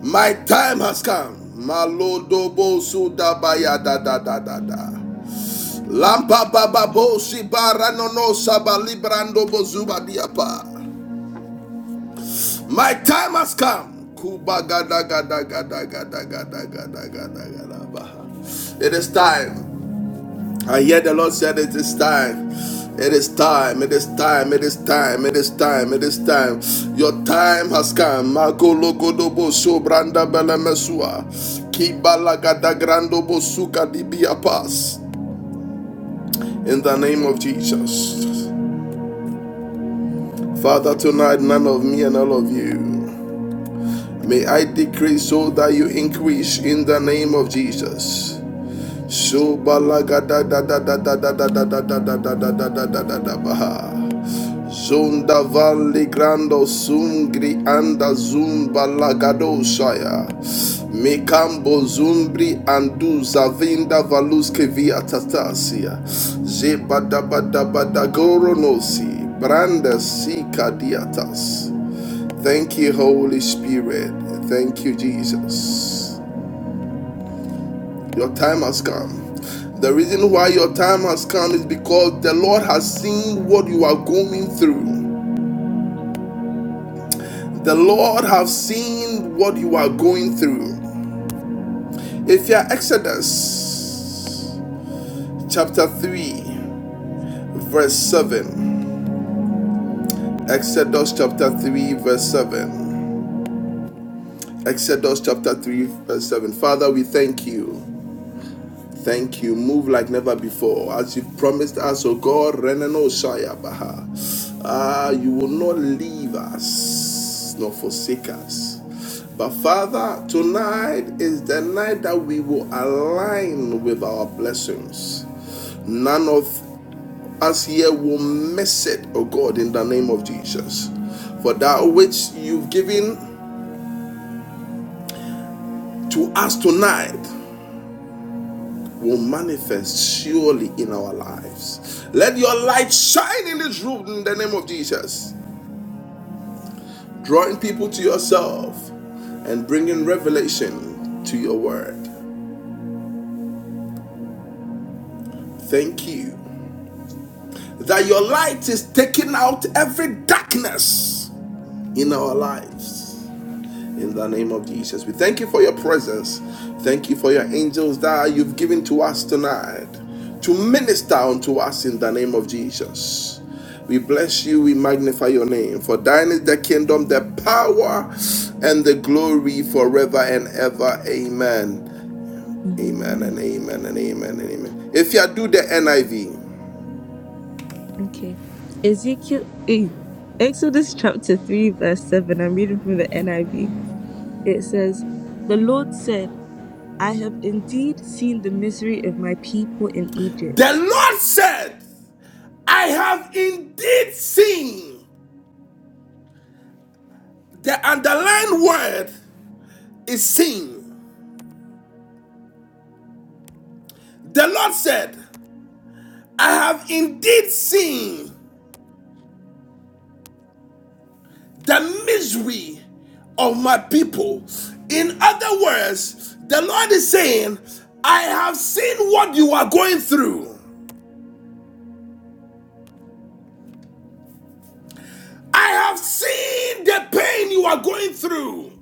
A: My time has come. Malodobo sudabaya da da da da da. Lampa baba bo shibara no no sabali brando diapa. My time has come. Kuba gada gada gada gada gada gada gada gada baha. It is time I hear the Lord said it is time. It is time, it is time, it is time, it is time, it is time. Your time has come. Magolo godobo sobranda belemesua. Kibala gada grando bosuka dibia pass. In the name of Jesus. Father, tonight none of me and all of you. May I decrease so that you increase in the name of Jesus. Sobala gada da da da da da da da da da da da da da da da da da baha. Zunda Valli Grando Sungri Anda Zumba Lagadoshaya Mikambo Zumbri Andu Zavinda Valuske Via Tatasia Zebadabadabadagoronosi Branda Sika Diatas Thank you Holy Spirit Thank you Jesus Your time has come the reason why your time has come is because the Lord has seen what you are going through. The Lord have seen what you are going through. If you are Exodus chapter 3, verse 7. Exodus chapter 3, verse 7. Exodus chapter 3, verse 7. Father, we thank you. Thank you. Move like never before. As you promised us, O God, Renano Shaya Baha. Ah, you will not leave us nor forsake us. But Father, tonight is the night that we will align with our blessings. None of us here will miss it, O God, in the name of Jesus. For that which you've given to us tonight, will manifest surely in our lives. Let your light shine in this room in the name of Jesus, drawing people to yourself and bringing revelation to your word. Thank you that your light is taking out every darkness in our lives. In the name of Jesus, we thank you for your presence. Thank you for your angels that you've given to us tonight to minister unto us in the name of Jesus. We bless you, we magnify your name. For thine is the kingdom, the power, and the glory forever and ever. Amen. Amen
D: Amen.
A: and amen and amen and amen. If you do the NIV,
D: Okay. Ezekiel eh, Exodus chapter 3 verse 7. I'm reading from the NIV. It says, The Lord said I have indeed seen the misery of my people in
A: the
D: Egypt.
A: Lord said, I have indeed seen. The underlined word is seen. The Lord said, I have indeed seen the misery of my people. In other words, the Lord is saying, I have seen what you are going through. I have seen the pain you are going through.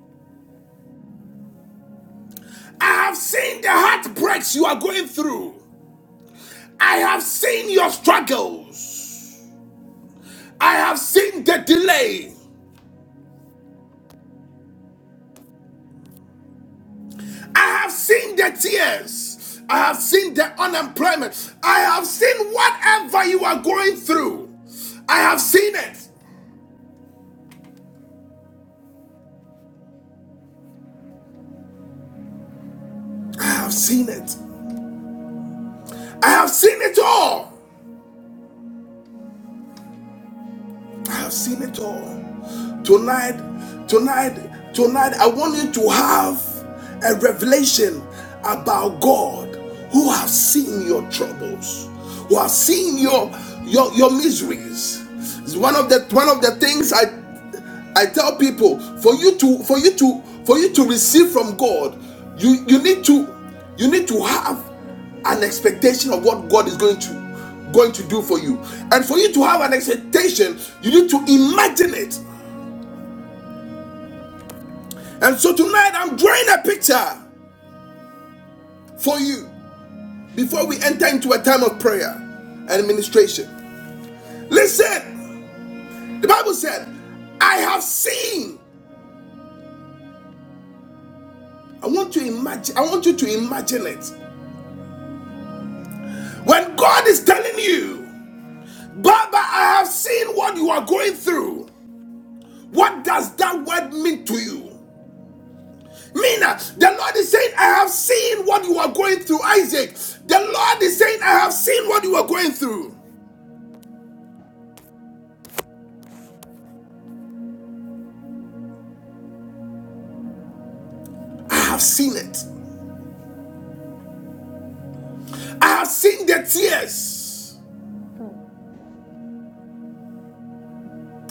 A: I have seen the heartbreaks you are going through. I have seen your struggles. I have seen the delay. I have seen the tears. I have seen the unemployment. I have seen whatever you are going through. I have seen it. I have seen it. I have seen it all. I have seen it all. Tonight, tonight, tonight, I want you to have a revelation about God who have seen your troubles, who have seen your your, your miseries. It's one of the one of the things I I tell people for you to for you to for you to receive from God, you you need to you need to have an expectation of what God is going to going to do for you. And for you to have an expectation, you need to imagine it. And so tonight I'm drawing a picture for you before we enter into a time of prayer and administration. Listen, the Bible said, I have seen. I want to imagine, I want you to imagine it. When God is telling you, Baba, I have seen what you are going through, what does that word mean to you? Mina, the Lord is saying, I have seen what you are going through, Isaac. The Lord is saying, I have seen what you are going through. I have seen it. I have seen the tears.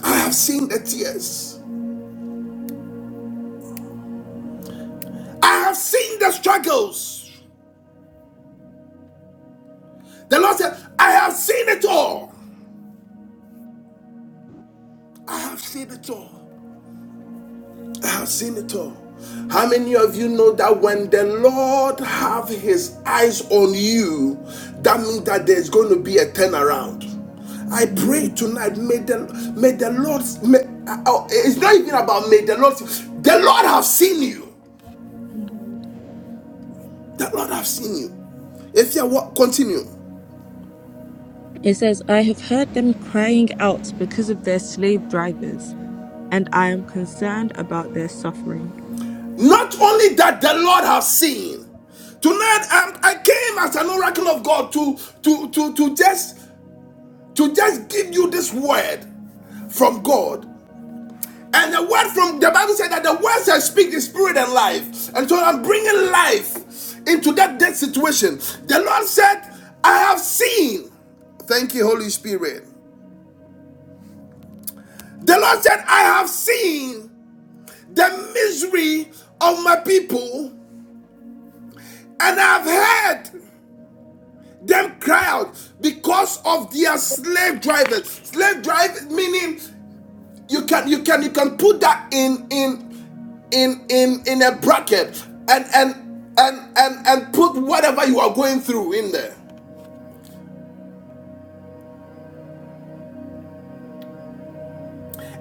A: I have seen the tears. I have seen the struggles. The Lord said, I have seen it all. I have seen it all. I've seen it all. How many of you know that when the Lord have his eyes on you, that means that there's going to be a turnaround. I pray
D: Mm,
A: tonight, may the, may the Lord, may, uh, oh, it's not even about may the Lord, the Lord have seen you.
D: mm,
A: The Lord have seen you. If you what, continue.
D: It says, I have heard them crying out because of their slave drivers, and I am concerned about their suffering.
A: Not only that the Lord have seen. Tonight, um, I came as an oracle of God to to to to just to just give you this word from God. And the word from the Bible said that the words I speak is spirit and life. And so I'm bringing life into that dead situation. The Lord said, I have seen. Thank you, Holy Spirit. The Lord said, I have seen the misery of my people and I've heard them cry out because of their slave drivers. Slave drivers meaning you can you can you can put that in in in in in a bracket and and and and and put whatever you are going through in there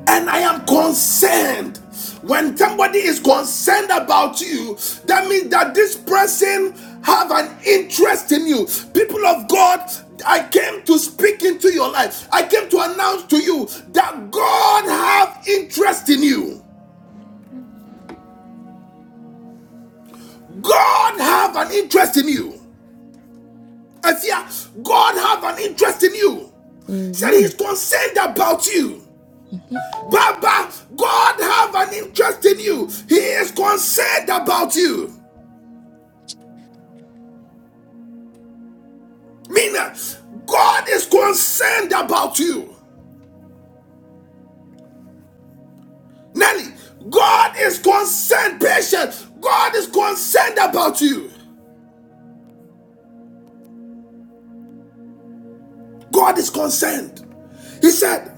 A: and i am concerned when somebody is concerned about you that means that this person have an interest in you people of god i came to speak into your life i came to announce to you that god have interest in you god have an interest in you I fear God have an interest in you. Said
D: Amen.
A: he's concerned about you. Baba, God have an interest in you. He is concerned about you. Mina, God is concerned about you. Nelly, God is concerned. Patient, God is concerned about you. God is concerned. He said,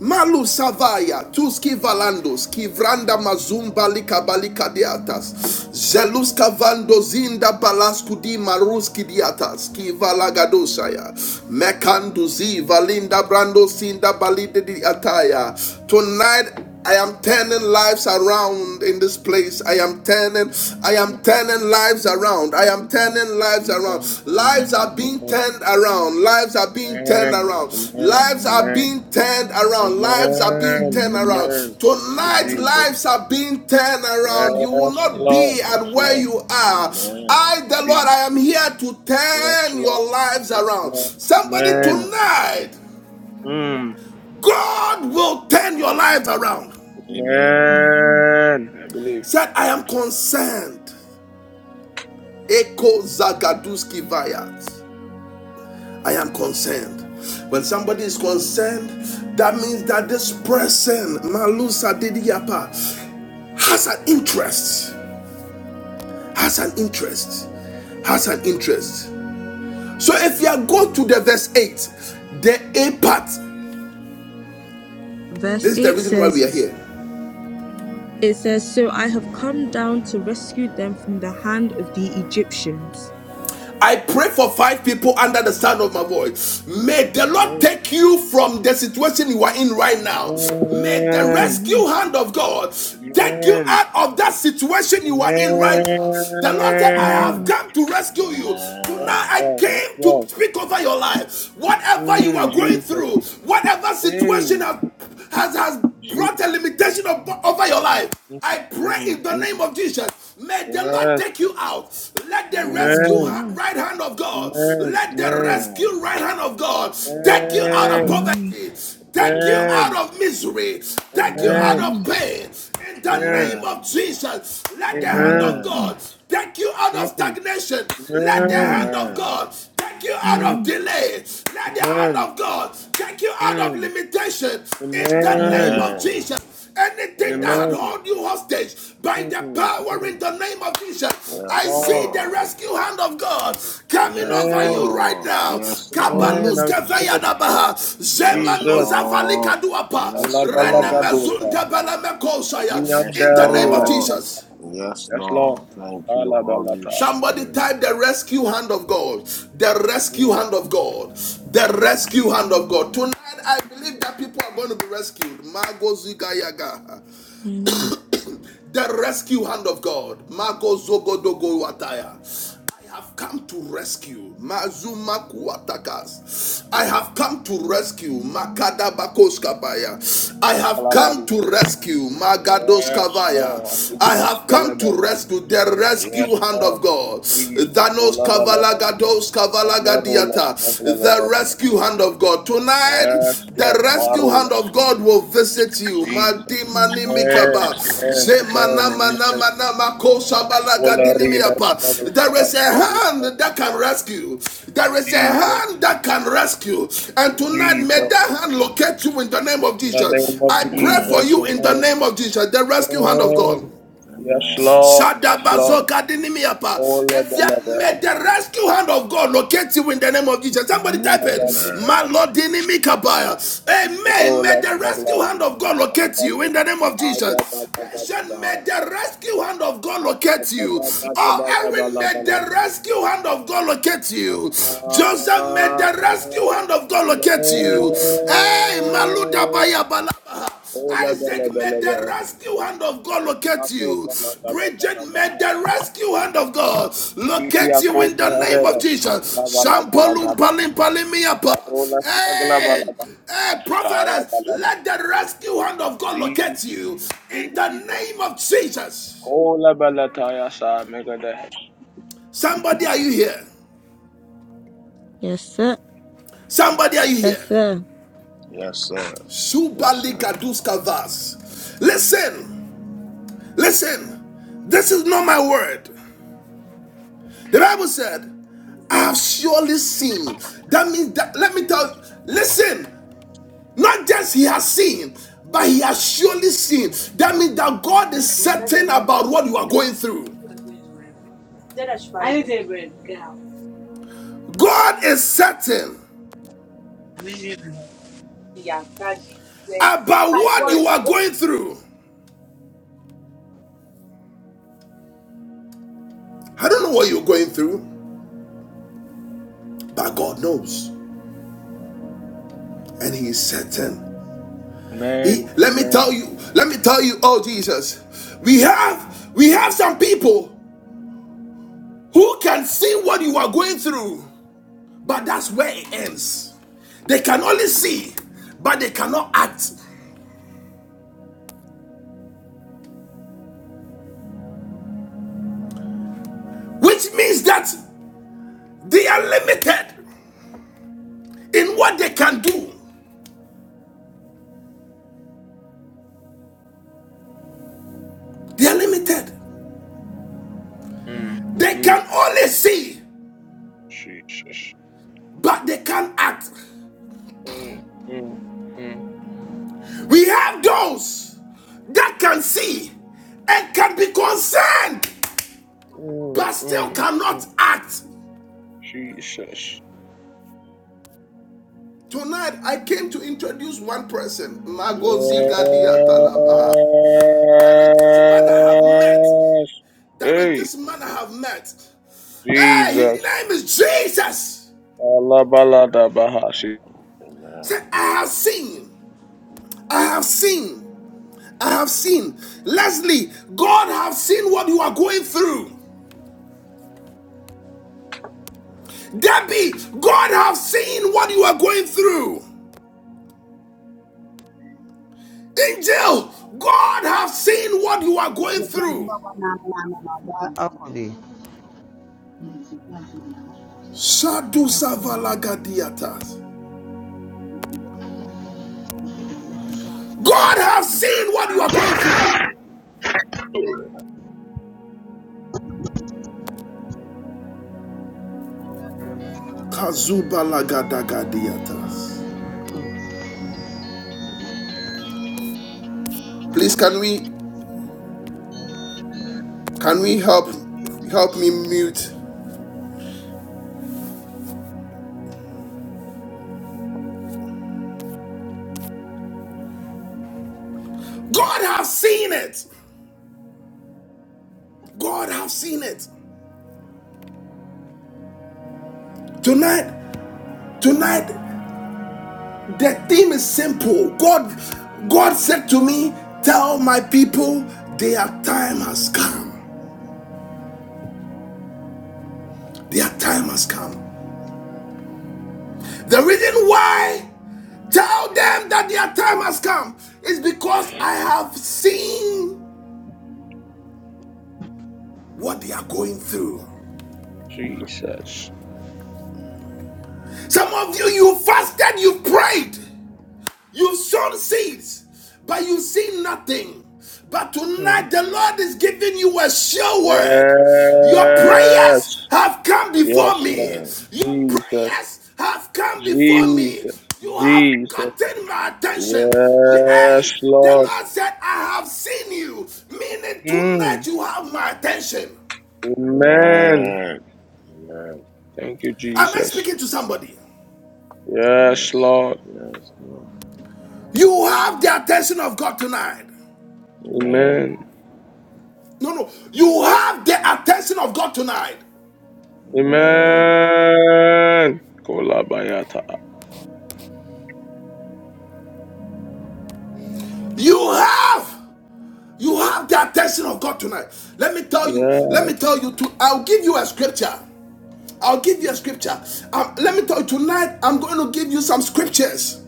A: Malu Savaya, Tuski Valandos, Kivranda Mazumba Likabalika Diatas, Zelus Kavando Zinda Balaskudi Maruski Diatas, Kivalagadosaya, Mekanduzi Valinda Brando Sinda Balide Diataya. Tonight I am turning lives around in this place. I am turning, I
F: Amen.
A: am turning lives
F: Amen.
A: around. I am
F: Amen.
A: turning lives around.
F: Amen.
A: Lives are
D: mm,
A: being
F: Amen.
A: turned around. Lives are being turned around.
F: Amen.
A: Lives are
C: Amen.
A: being turned
C: Amen.
A: around. Lives are being
F: Amen.
A: turned
D: mm,
A: around.
F: Amen. To
A: Tonight,
F: Jesus.
B: Amen.
A: lives are being turned around. You will
F: Yes,
A: not
B: Yes,
F: Lord.
A: be
F: Yes,
B: Lord.
A: at where
F: Lord.
A: you are.
F: Jesus.
B: Amen.
A: I, the Lord,
F: Jesus.
A: I am here to
F: Yes,
A: turn
F: Lord.
A: your lives
F: Yes,
A: around.
F: Lord.
A: Somebody
F: Amen.
B: Amen.
A: tonight,
F: Mm.
A: God will turn your life around.
B: Amen.
D: mm.
F: Amen. I believe.
A: Said, I am concerned. Eko Zagaduski Vayat. I am concerned. When somebody is concerned, that means that this person, Malusa Didiapa, has an interest. Has an interest. Has an interest. So if you go to the verse 8, the A part,
D: Verse
A: this is the
D: 8
A: reason why we are
D: says,
A: here.
D: It says, So I have come down to rescue them from the hand of the Egyptians.
A: I pray for five people under the sound of my voice. May the Lord
F: Amen.
A: take you from the situation you are in right now. May the
F: Amen.
D: Amen.
A: rescue hand of God take you
F: Amen.
A: out of that situation you are in right now. The Lord said, I have
F: Amen.
D: Amen.
A: come to rescue you.
F: Yes,
A: Tonight
B: Amen.
A: I
F: Lord. Yes,
A: came
F: Lord.
A: to speak over your life. Whatever you
F: Mm,
A: are going
F: Jesus.
A: through, whatever
F: Hey,
A: situation have has, has brought
F: Jesus.
A: a limitation of, over your
F: Mm,
A: life. I pray
F: mm,
A: in the name
F: mm.
A: of Jesus. May the Lord
F: Yes.
A: take you out. Let the
B: Amen.
A: rescue
F: Amen.
D: Amen.
A: right hand of God,
F: Amen.
A: let the
B: Amen.
A: rescue right hand of God take you out of
F: Amen.
B: Amen.
D: Amen.
A: poverty, take you out
F: Amen.
B: Amen.
A: of misery, take you out
F: Amen.
B: Amen.
A: of
D: Amen.
A: pain. In the name
B: Amen.
A: of Jesus, let the hand
D: Amen.
A: of
F: Amen.
B: Amen.
A: God take you out of
F: Amen.
A: stagnation. Let the
D: Amen.
A: hand of
B: Amen.
A: God Take you
F: Amen. Mm, Amen.
A: out of
F: Mm,
D: Amen.
A: delay. Let the hand
F: Amen.
A: of God take you out of
F: Mm,
A: limitation in the name
F: Amen.
D: Amen.
A: of
B: Amen.
A: Jesus. Anything that had
B: Amen.
F: Amen.
A: hold you hostage by
F: Mm,
A: the power in
F: mm.
A: the name of
F: Yes,
A: Jesus, I
B: Yes,
A: see
F: Lord.
A: the
B: Lord.
A: rescue hand of God coming
B: Yes,
A: over you
F: Amen.
A: right
B: Lord.
A: now.
B: Yes,
F: Amen.
B: Lord.
F: I
D: Amen.
F: receive it.
B: Yes,
F: Jesus.
B: Lord. Yes,
F: Allah
B: Lord.
F: Balagadosha.
B: Yes,
A: In the name of
B: Lord.
F: Leander
A: Jesus.
B: Yes,
F: Yes, Lord.
B: Lord. Thank you, Holy
F: Alabalata.
A: Somebody
B: Spirit.
A: type the rescue hand of God. The rescue
F: Mm,
A: hand of God. The rescue hand of God. Tonight, I believe
F: Jesus.
A: that people are going to be rescued. Mago Zigayaga
D: Amen.
A: the rescue hand of God. Mago Zogodogo Wataya. I have come to rescue. Mazumaku Atakas. I have come to rescue. Makada Bakoskabaya. I have come
F: Alabadi.
A: to rescue.
F: Yes, Lord.
A: Magadoskavaya.
F: We
A: I
F: must
A: have come to
F: calabata.
A: rescue the rescue
F: Yes,
A: hand of
F: Lord.
A: God.
F: Jesus.
A: Danos
F: Olabalada.
A: Kavalagados
F: Mandarolas.
A: Kavalagadiata the
F: Maglabalada.
A: rescue hand of God. Tonight,
F: Yes,
A: the
F: Lord.
A: rescue hand
F: Parolas.
A: of God will visit you.
F: Jesus.
A: Madimani
D: Amen.
F: Amen.
A: mikaba.
F: Amen.
B: Amen.
A: Zemana
F: Amen.
A: mana
F: Amen.
A: mana mako
B: Amen.
A: shabala gadini
F: Olarilas.
A: miapa. There is
F: Maglabaras.
A: a hand
F: Tabulatas.
A: that can rescue. There is a
F: Jesus.
A: hand that can rescue. And
B: Yes,
A: tonight, may
F: Jesus.
B: Lord.
A: that hand locate you in the name of
F: In the name
A: Jesus.
F: of
A: I pray for you
B: Amen.
A: in the
F: Jesus.
A: name of Jesus, the rescue hand of God.
F: Amen. Yes,
B: Amen.
F: Lord. Yes, Lord.
B: Amen.
A: Shadabazoka dinimiapa.
F: Ola
A: Efia,
F: balada.
A: May the rescue hand of God locate you in the name of Jesus. Somebody
F: Ola
D: Amen.
A: type it.
F: balada.
B: Amen.
A: Malodinimikabaya. Amen.
F: Bandorola
A: May the
F: smagla.
A: rescue hand of God locate you
F: Amrado.
A: in the name of
F: Aya
A: Jesus.
F: bala gada
A: Patient,
F: baha.
A: may the rescue hand of God
F: Aya
A: locate you.
F: bala gada
A: Oh,
F: baya
A: Aaron,
F: bala
A: may
F: bala.
A: the rescue hand of God locate you. Joseph, may the rescue
F: Amen.
A: hand of God locate you. Hey, Maluda Baya Balaba.
F: Ola bala
A: Isaac, may
F: bala
A: the
F: bala.
A: rescue hand of God locate
F: Rimpako
A: you.
F: bala gada
A: Bridget,
F: bala
A: may
F: baha.
A: the rescue hand of God
F: Ibidi
A: locate you in
F: ako
A: the name of
F: merela
A: Jesus.
F: smagla bala bala
A: Shampalum
F: gada.
A: palim palimiapa.
F: Barola smagla
A: Hey,
F: bala
A: hey, prophetess,
F: baha.
A: let the rescue hand of God locate
F: Jesus,
A: you in the
F: Jesus.
A: name of Jesus.
F: Kola balataya sa megada.
A: Somebody, are you here?
D: Yes, sir.
A: Somebody, are you
D: Yes,
A: here?
D: sir.
B: Yes, sir. Yes,
A: Subali
B: sir.
A: Gaduska Vas. Listen, listen. This is not my word. The Bible said, I have surely seen. That means that let me tell you, listen, not just he has seen, but he has surely seen. That means that God is certain about what you are going through.
G: break.
A: God is certain about
G: It
A: what you are going through. I don't know what you're going through, but God knows. And he is certain. He
F: Amen,
A: let me tell
F: amen.
A: you, let me tell you, oh Jesus. We have we have some people who can see what you are going through. But that's where it ends. They can only see, but they cannot act, which means that they are limited in what they can do. They are limited.
F: Mm,
A: They
F: mm,
A: can only see,
F: Jesus.
A: but they can't act.
F: Mm, mm, mm,
A: We have those that can see and can be concerned,
F: mm,
A: but still
F: mm, mm.
A: cannot act.
F: Jesus.
A: Tonight, I came to introduce one person, Magozi Gadia There is this man I have met.
F: Yes.
A: There is
F: Hey,
A: this man I have met. Hey, his
F: Jesus.
A: name is Jesus.
F: Allah balada bahasi.
A: Say,
B: Amen.
A: I have seen. I have seen. I have seen. Leslie, God have seen what you are going through. Debbie, God have seen what you are going through. Angel, God have seen what you are going through.
H: No, no, no, no. That
A: Shadu Savalagadiatas. God have seen what you are going through. Kazubalagadagadietas.
H: Aquavi.
A: Please, can we Can we help help me mute? God have seen it. God have seen it. Tonight, tonight, the theme is simple. God, God said to me, tell my people their time has come. Their time has come. The reason why tell them that their time has come is because I have seen what they are going through.
F: Jesus.
A: Some of you, you fasted, you prayed. You've sown seeds, but you see nothing. But tonight,
F: Mm.
A: the Lord is giving you a sure word. Your
F: Yes.
A: prayers have come
F: Yes,
A: before me.
F: Lord.
B: Yes.
A: Your
F: Jesus.
A: prayers have come before me.
F: Jesus,
A: You have
F: Jesus.
A: gotten my attention. Yeah,
F: Yes,
A: Hey, the
F: Lord.
A: Lord said, I have seen you. Meaning, tonight
F: Mm.
A: you have my attention.
F: Amen.
B: Right. Right.
F: Thank you,
A: Am I
F: Jesus.
A: speaking to somebody?
B: Yes.
F: Yes,
B: Yes.
F: Lord.
B: Yes. No.
A: You have the attention of God tonight.
F: Amen.
B: Amen.
A: No, no. You have the attention of God tonight.
B: Amen.
F: Amen. Kolabayata.
A: You have you have the attention of God tonight. Let me tell you, let
F: Yes,
A: me tell you to I'll give you a scripture. I'll give you a scripture. Um, let me tell you tonight, I'm going to give you some scriptures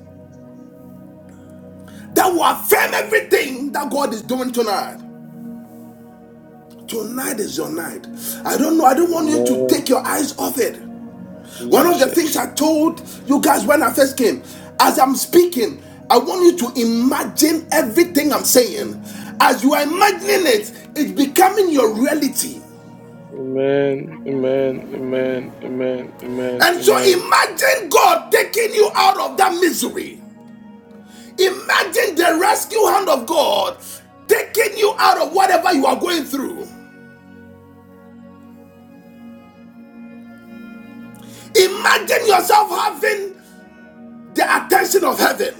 A: that will affirm everything that God is doing tonight. Tonight is your night. I don't know. I don't want you to
F: Amen.
A: take your eyes off it. One of the things
F: Jesus.
A: I told you guys when I first came, as I'm speaking, I want you to imagine everything I'm saying. As you are imagining it, it's becoming your reality.
F: Amen. Amen. Amen. Amen. Amen.
A: And so
F: Amen.
A: imagine God taking you out of that misery. Imagine the rescue hand of God taking you out of whatever you are going through. Imagine yourself having the attention of heaven.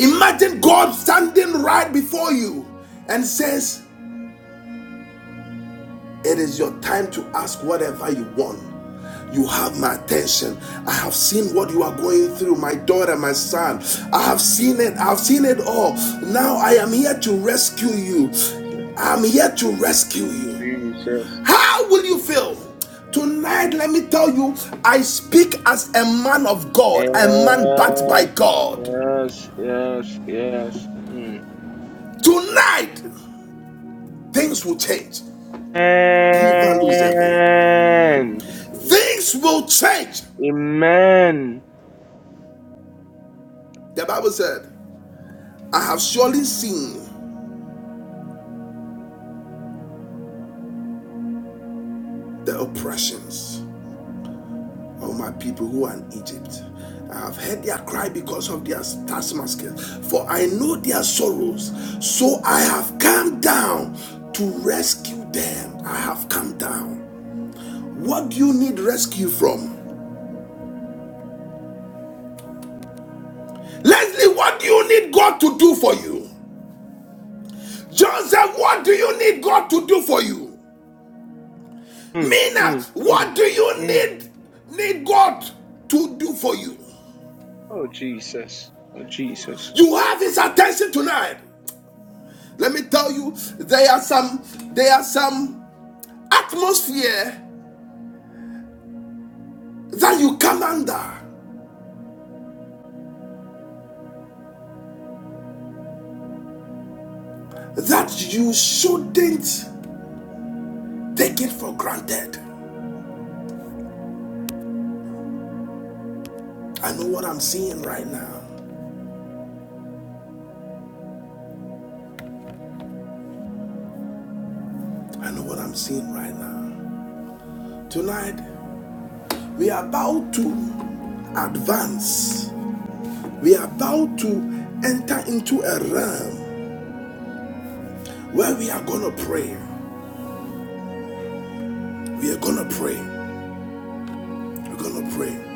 A: Imagine God standing right before you and says, It is your time to ask whatever you want. You have my attention. I have seen what you are going through, my daughter, my son. I have seen it. I've seen it all. Now I am here to rescue
F: Jesus.
A: you. I'm here to rescue you. How will you feel? Tonight,
F: Jesus.
A: let me tell you, I speak as a man of God, a man backed by
F: Yes.
A: God.
F: Yes. Yes. Yes. Mm.
A: Tonight, things will change. Give a
F: Amen.
A: Things will change.
F: Amen.
A: The Bible said. I have surely seen the oppressions of my people who are in Egypt. I have heard their cry because of their taskmasters, for I know their sorrows. So I have come down to rescue them. I have come down. What do you need rescue from? Leslie, what do you need God to do for you? Joseph, what do you need God to do for you?
F: Mm,
A: Mina,
F: mm, mm,
A: what do you
F: mm.
A: need need God to do for you?
F: Oh, Jesus. Oh, Jesus.
A: You have his attention tonight. Let me tell you, there are some there are some atmosphere that you come under that you shouldn't take it for granted. I know what I'm seeing right now. I know what I'm seeing right now. Tonight, we are about to advance. We are about to enter into a realm where we are gonna pray. We are gonna pray. We're gonna pray.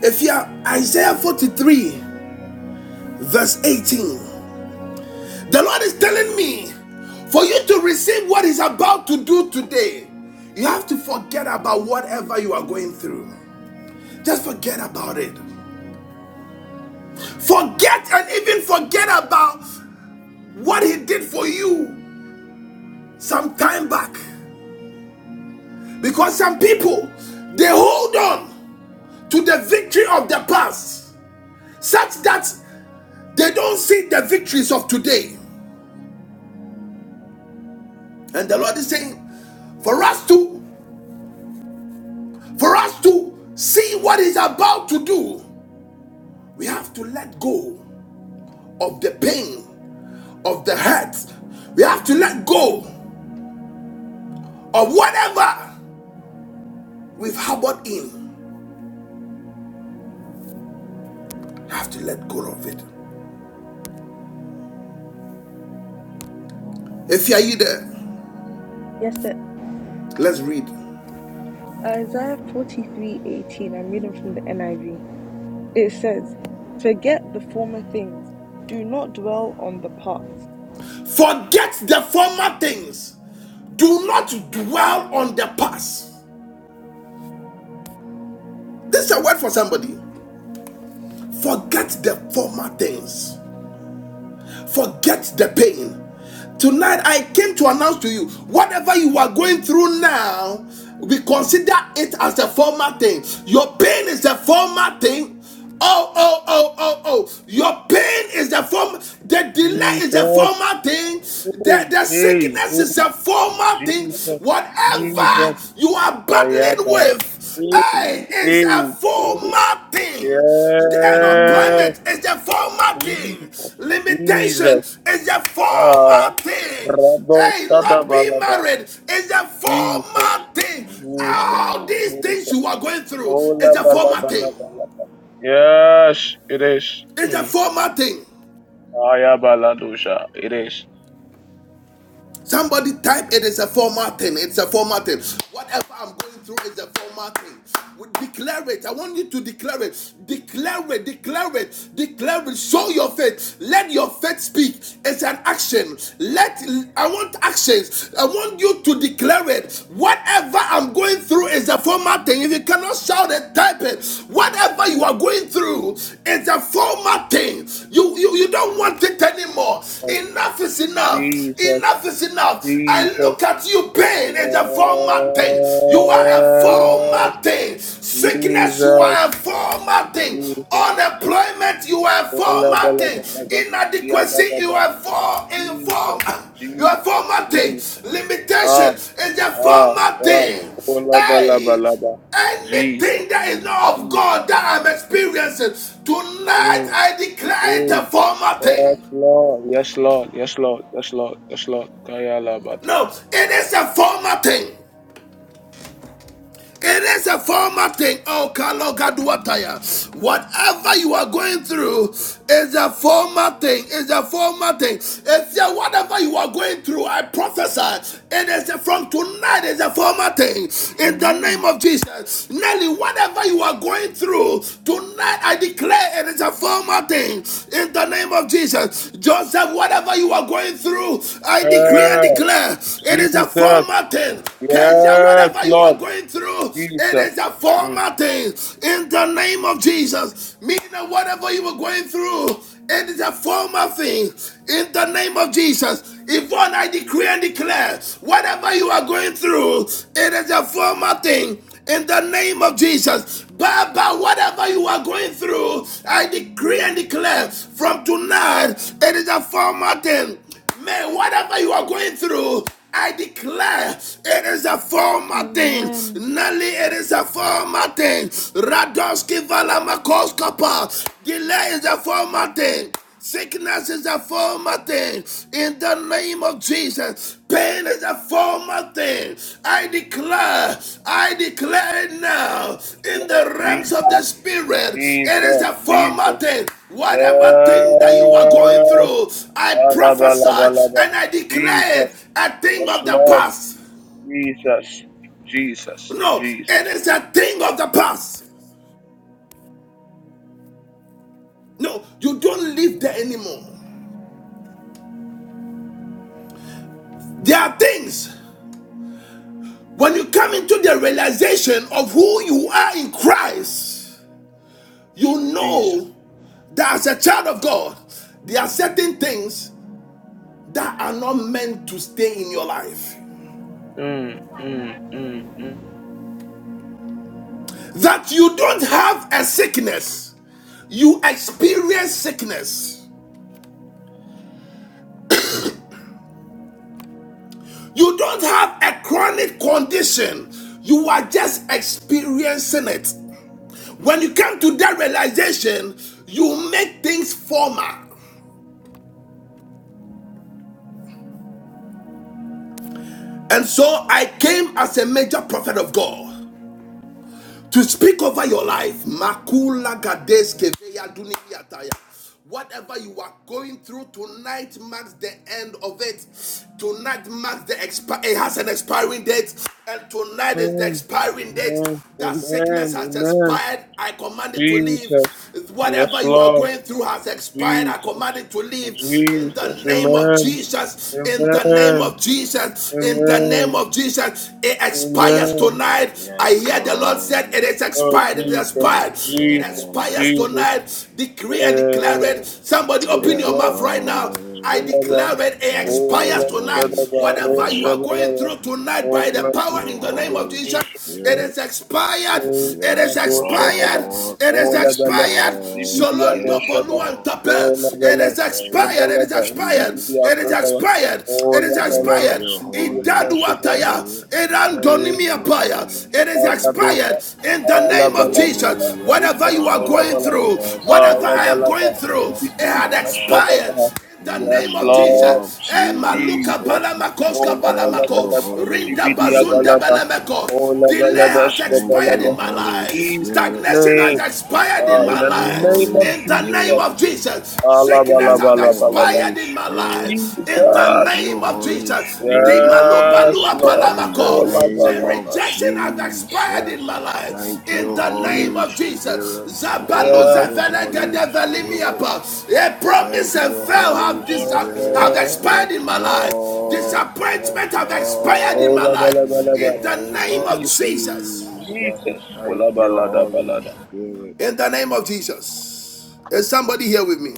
A: If you are Isaiah 43, verse 18, the Lord is telling me for you to receive what He's about to do today, you have to forget about whatever you are going through. Just forget about it. Forget and even forget about what He did for you some time back. Because some people, they hold on to the victory of the past such that they don't see the victories of today. And the Lord is saying, for us to for us to see what he's about to do, we have to let go of the pain, of the hurt. We have to let go of whatever we've harbored in. We have to let go of it. If you are you there,
D: Yes, sir.
A: let's read.
D: Isaiah 43:18, I'm reading from the NIV. It says, "Forget the former things. Do not dwell on the past."
A: Forget the former things. Do not dwell on the past. This is a word for somebody. Forget the former things. Forget the pain. Tonight, I came to announce to you whatever you are going through now, we consider it as a former thing. Your pain is a former thing. Oh, oh, oh, oh, oh. Your pain is a form, the delay is a
F: Jesus.
A: former thing,
F: Hey,
A: the, the
F: hey,
A: sickness is
F: hey.
A: a former thing.
F: Jesus.
A: Whatever
F: Jesus.
B: Amen.
A: you are battling
F: Ayaba.
A: with,
F: Hey,
A: hey, is
F: hey,
A: a
F: hey.
A: former thing. The
B: Amen.
F: Yes.
A: unemployment is the formal thing.
F: Jesus.
A: Limitation
F: Jesus.
A: is the
F: Ah.
A: formal thing.
F: Rabo
A: Hey, not being
F: Sadabalaba.
A: married is the
F: Jesus,
A: formal thing.
B: No, it's
F: Jesus,
A: All
B: wrong.
A: these things
F: Jesus.
A: you are going through
F: Ola
A: is a
F: bala
A: formal
F: bala
A: thing.
F: bala. Yes, it is.
A: It's a
F: Mm.
A: formal thing.
F: Aya bala It is.
A: Somebody type it is a formatting. It's a formatting. Whatever I'm going through is a formatting. We declare it. I want you to declare it. Declare it. Declare it. Declare it. Show your faith. Let your faith speak. It's an action. Let I want actions. I want you to declare it. Whatever I'm going through is a formatting. If you cannot shout it, type it. Whatever you are going through is a formatting. You you, you don't want it anymore. Enough is is enough.
F: Jesus,
A: Enough is enough. I
F: Jesus.
A: look at you, pain is a former thing. You are a
F: Yes,
A: former thing. Sickness, you
F: Jesus,
A: are a former thing.
F: Jesus.
A: Unemployment, you are a
F: Ola
A: former
F: bala
A: thing.
F: bala bala. Ya
A: Inadequacy,
F: gada
A: you
F: ba.
A: are for, a
F: Jesus,
A: former. You
F: Jesus,
A: are a former thing.
F: Jesus.
A: Limitation
F: Ah,
A: is a
F: ah,
A: former
F: ah.
A: thing.
F: Ola bala
A: Hey,
F: bala bala. Jesus,
A: anything that is not of
F: Jesus.
A: God that I'm
F: Mm.
A: experiencing, tonight
F: mm.
A: I declare it a
F: Hey,
A: former
F: yes,
A: thing.
F: Lord. Yes, Lord. Yes, Lord. Yes, Lord. Yes, Lord. Kayalabata.
A: No, it is a former thing. It is a formal thing. Oh, Kalo Whatever you are going through is a formal thing. Is a formal thing. If you whatever you are going through, I prophesy. It is a from tonight. Is a formal thing. In the
D: Amen.
A: name of Jesus, Nelly, whatever you are going through tonight, I declare it is a formal thing. In the name of Jesus, Joseph, whatever you are going through, I decree and
F: Yes,
A: declare it is a
F: Jesus.
A: formal thing. Kenya,
F: Yes,
A: whatever you are
F: Lord.
A: going through, it
F: Jesus.
A: is a
F: Mm,
A: former thing. In the name of Jesus, meaning whatever you are going through, it is a former thing. In the name of Jesus, Yvonne, I decree and declare, whatever you are going through, it is a former thing in the name of Jesus. Baba, whatever you are going through, I decree and declare from tonight, it is a former thing. May whatever you are going through, I declare it is a former thing.
C: Amen.
A: Nelly, it is a former thing. Radonski Valamakos Delay is a former thing. Sickness is a former thing. In the name of Jesus, Pain is a former thing. I declare, I declare it now in
F: Lord.
A: the realms of
F: Jesus.
A: the spirit. It is
F: Jesus.
A: a former
F: Jesus.
A: thing. Whatever thing that you are going
F: Yes.
A: through, I prophesy
F: Alabalabalaba.
A: and I declare
F: Jesus.
A: it a thing
F: Yes,
A: of the
F: Lord.
A: past.
F: Jesus. Jesus.
A: No, it
F: Jesus.
A: is a thing of the past. No, you don't live there anymore. There are things when you come into the realization of who you are in Christ. You
F: Jesus.
A: know that as a child of God, there are certain things that are not meant to stay in your life.
F: Mm, mm, mm, mm.
A: That you don't have a sickness, you experience sickness. You don't have a chronic condition, you are just experiencing it. When you come to that realization, you make things formal. And so I came as a major prophet of God. to speak over your life. Makula gadeske veya dunimi Whatever you are going through tonight marks the end of it. Tonight marks the expi- it has an expiring date, and tonight is the
F: Amen.
A: expiring date. That
F: Amen.
A: sickness has
F: Amen.
A: expired. I command it to leave.
F: Jesus. Yes,
A: Whatever you are
F: Lord.
A: going through has expired. I
F: Jesus.
A: command it to leave in the
F: Jesus.
A: name of
F: Amen.
A: Jesus. In the name
F: Amen.
A: of Jesus. In the name name
F: Amen.
A: of Jesus, it expires
F: Amen.
A: tonight.
B: Yes,
A: I hear the Lord said it
B: wrong.
A: is
F: Oh,
A: expired. It is
F: Jesus.
B: Yes,
A: expired. It
F: Jesus.
A: expires
B: wrong.
F: Jesus.
A: tonight. Decree and declare it.
F: Uh,
A: Somebody
F: we
A: open
B: Yes,
A: your
F: declare
A: mouth right now.
F: Jesus.
A: I
B: wrong.
A: declare
F: Olaba.
A: it, it
B: Thank
A: expires
B: you,
F: Olaba.
B: Holy
A: tonight.
F: Shadaba.
A: Whatever you
B: Spirit.
A: are going
F: Roshabalaba.
A: through tonight, by the
B: Thank
F: Olaba.
B: you,
A: power in the name of
B: Holy
A: Jesus, it
B: Spirit.
A: is expired.
F: Eh,
A: It
B: Yes,
A: is
F: Ando Shadaba,
A: expired.
B: Lord.
A: It is
F: O
B: Yes,
F: Labalaba,
A: expired.
B: Lord.
F: Zibidiado
A: Solondo
B: Yes,
F: Shaba,
A: Boluan
B: Lord.
F: O
A: Tape.
B: In
A: It
B: the
A: is
F: Labalaba,
B: name
A: expired. It
B: of
A: is
F: Shkebalaba,
A: expired.
F: Zibidia
A: It is
B: Jesus.
F: Kodaba,
A: expired.
F: O
A: It is
B: Thank
F: Labalaba,
A: expired.
B: you,
F: Shibidiado
B: Holy
F: Shaba,
A: Idaduataya.
B: Spirit. Thank
A: Irandonimia
B: you,
A: Paya.
B: Holy
A: It is
B: Spirit.
F: Akadosha,
A: expired in the name of
F: Alabalaba,
B: Oh,
A: Jesus.
B: yes,
A: Whatever
F: Arila
A: you are going
B: Lord.
F: Shkelabala,
A: through,
B: Yes,
A: whatever I am
F: Ayabalaba,
A: going
B: Lord.
A: through,
B: Yes,
A: it had
F: Zibidia
B: Lord.
A: expired
F: Shadaba,
A: in the
B: In the
F: Yes,
A: name of
B: name
F: Lord
B: of
A: Jesus. Eh, maluka
B: Jesus.
F: Jesus,
A: balamako, ska
F: O
B: Thank
A: balamako,
B: you,
F: Labalaba,
B: Holy
A: rinda
F: Zibidia
B: Spirit.
A: bazunda
F: Balaba, O
A: balamako. Delay
F: Labalaba,
A: has
B: Thank
A: expired
F: Shkebalaba,
B: you,
A: in my
B: Holy
A: life.
F: Jesus'
B: Spirit.
A: Stagnation has
F: name,
A: expired in
F: uh, in
A: my
B: Thank
F: the
B: you,
A: life.
F: name
B: Holy
F: of
A: In the name
F: Jesus,
B: Spirit.
A: of Jesus. Sickness
B: Thank
A: has
B: you,
F: Alabalabalaba,
B: Holy
A: expired in my
B: Spirit.
A: life.
F: Jesus,
A: In the
B: Thank you,
A: name of
B: Holy
A: Jesus. The
B: Spirit.
A: malu
F: yes,
A: balua
F: Lord,
B: In the
A: palamako. The
B: name of
F: Kolabalaba,
A: rejection has expired
B: Jesus.
A: in my life.
B: Thank you,
A: In the name
B: Holy
F: Jesus,
A: of Jesus.
B: Spirit.
A: Zabalu
B: Thank
F: yes,
B: you, Holy Spirit.
A: zevelegedevlimiapa. A promise
B: Thank
A: and
B: you,
A: fail
B: Holy
A: have, dis-
B: Spirit.
A: have
F: Lord.
B: Yes,
A: expired in my life.
B: Lord. Yes,
A: Disappointment have expired in my
B: Lord.
A: life.
B: In the
F: Kolabalabalaba,
A: In the
B: name
A: name
B: of
A: of
F: Jesus,
A: Jesus.
B: Jesus.
F: Jesus,
B: Thank you, Holy
F: Kolabaladabalada,
B: Spirit.
A: In the name of Jesus. Is somebody here with me?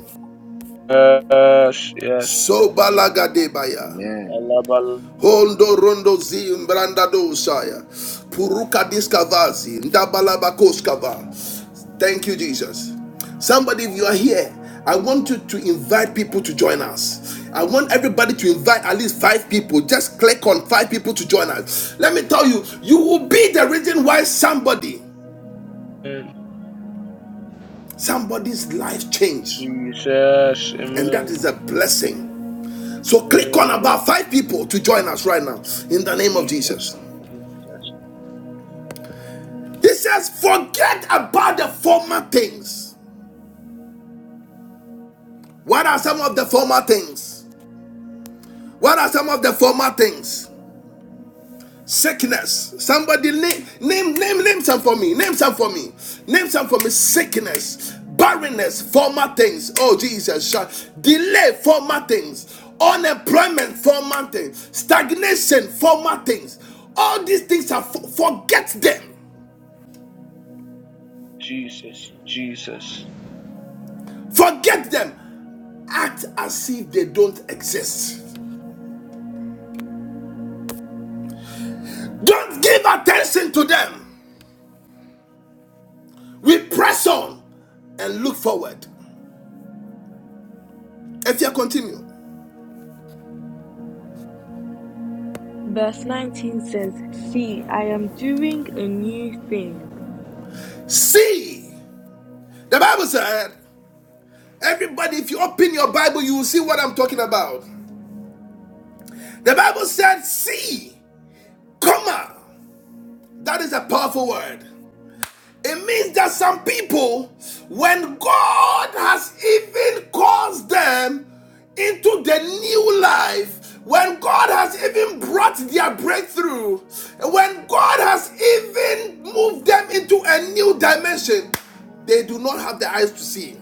F: yes, yes,
A: So
F: yes,
A: Sobalagadebaya.
B: Amen.
F: Alabala,
A: Hondo rondo zi mbranda dosaya.
B: Yes,
A: Puruka
B: Lord.
A: diskavazi. Ndabalabakoskava. Thank you, Jesus. Somebody, if you are here, I want you to invite people to join us. I want everybody to invite at least five people. Just click on five people to join us. Let me tell you, you will be the reason why somebody, somebody's life changed.
F: Jesus,
A: and that is
F: Amen,
A: a blessing. So click on
F: Amen.
A: about five people to join us right now in the name of
F: Jesus,
A: Jesus.
F: Jesus.
A: He says, forget about the former things. What are some of the former things? What are some of the former things? Sickness. Somebody name name name name some for me. Name some for me. Name some for me. Sickness, barrenness, former things. Oh Jesus, delay, former things, unemployment, former things, stagnation, former things. All these things are for- forget them.
F: Jesus, Jesus,
A: Forget them. Act as if they don't exist. Don't give attention to them. We press on and look forward. If you continue,
D: Verse 19 says, See, I am doing a new thing.
A: see. The Bible said, everybody, if you open your Bible, you will see what I'm talking about. The Bible said, see, comma. That is a powerful word. It means that some people, when God has even caused them into the new life, when God has even brought their breakthrough, when God has even moved them into a new dimension, they do not have the eyes to see.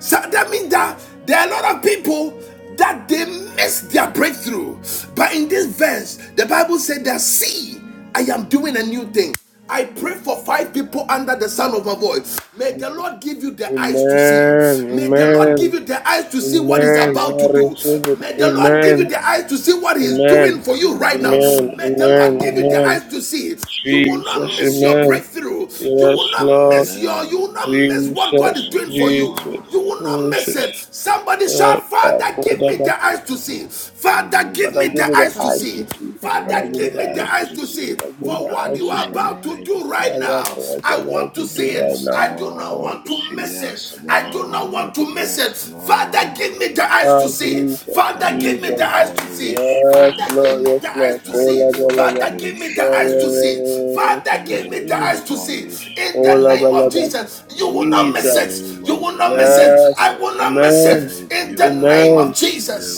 A: So that means that there are a lot of people that they miss their breakthrough. But in this verse, the Bible said that see, I am doing a new thing. I pray for five people under the sound of my voice. May the
F: Jesus.
A: Lord give you the eyes to see.
F: Amen.
A: May the Lord give
F: Amen.
A: you the eyes to see what He's
F: Amen.
A: about to
F: I
A: do.
F: receive it.
A: May the Lord give you
F: Amen.
A: the eyes to see what He's
F: Amen.
A: doing for you right now.
F: Amen.
B: Amen.
A: May the
F: Amen.
A: Lord give you the
B: Amen.
F: Amen.
A: eyes to see. You
B: Yes,
A: will not
F: Jesus.
A: miss
B: Lord.
A: your
F: Amen.
A: breakthrough. You will
F: Yes,
A: not
F: Lord.
A: miss your. You
B: Amen.
A: will not miss what God
F: Jesus.
A: is
B: Yes,
A: doing for you.
F: Jesus.
B: Lord.
A: You will not miss
F: Jesus.
A: it. Somebody
F: Uh,
A: shout,
F: uh,
A: Father, give me
F: Kodaba.
A: the eyes to see.
B: Give
A: Father,
B: me the
A: give
F: Father,
A: me
F: give
B: eyes
F: me
A: the
F: the
B: to
A: eyes to
F: eyes
D: Father,
F: to
A: see.
D: give
B: see.
F: see.
D: me the
B: Give
F: Father,
D: eyes
A: Father,
B: me
F: give
D: to
F: me
A: give
B: the
F: the
A: me the
D: see.
F: eyes
B: eyes
F: to
A: eyes
B: to
A: to
F: see.
A: see.
B: see.
F: Father, give me
D: Lord,
A: For
F: the
D: you
A: what
D: give
B: Give
F: eyes
A: you
F: to
D: me
A: are
B: me
D: the
F: see.
B: the
A: about to
D: eyes
B: eyes
D: to
A: do
B: to
D: see
F: I
A: right now,
F: have
B: see.
F: what I
A: I
F: want
A: want
D: what
A: to
F: to
D: you're
A: see
F: do
D: about
F: right
D: to
A: it.
B: Yes,
F: now.
A: I
D: do
A: do
D: right
F: I
A: not
D: now.
B: Lord.
F: want
A: want
F: to
A: to
F: see.
A: miss
F: I
A: it.
B: Yes,
F: want
A: I do not
B: Lord.
F: to
A: want
D: Amen.
F: see.
A: to miss
B: Yes,
A: it. Father,
B: Lord.
A: give
D: Amen.
A: me the eyes
F: Ah,
A: to see.
F: Jesus,
A: Father,
B: Thank
A: give
D: Amen.
A: me
F: Jesus.
A: the
B: you,
A: eyes to
B: Holy
A: see.
F: Yes,
A: Father,
B: Spirit.
F: Lord,
A: give me
D: Amen.
F: yes,
A: the
F: Lord.
A: eyes to
B: Thank
A: see.
F: Kola
B: you,
F: balaba.
A: Father,
B: Holy
A: give me
D: Amen.
A: the
F: Yeah,
A: eyes
F: yeah, yeah,
A: to
B: Spirit.
F: yeah.
A: see.
F: yeah.
A: Father,
F: Yes,
A: give
D: Amen.
A: me
B: Thank
A: the
F: Lord.
B: you,
A: eyes to see.
B: Holy
A: In the
F: Kola
B: Spirit.
D: Amen.
A: name of
F: balaba.
A: Jesus, you will
B: In the
A: not miss
F: Jesus.
B: name
A: it. You
B: of
A: will not miss it.
F: Yes.
A: I will
B: Jesus.
A: not miss
F: Amen.
A: it.
B: Thank
A: In
B: you,
A: the name
F: Amen.
A: of
B: Holy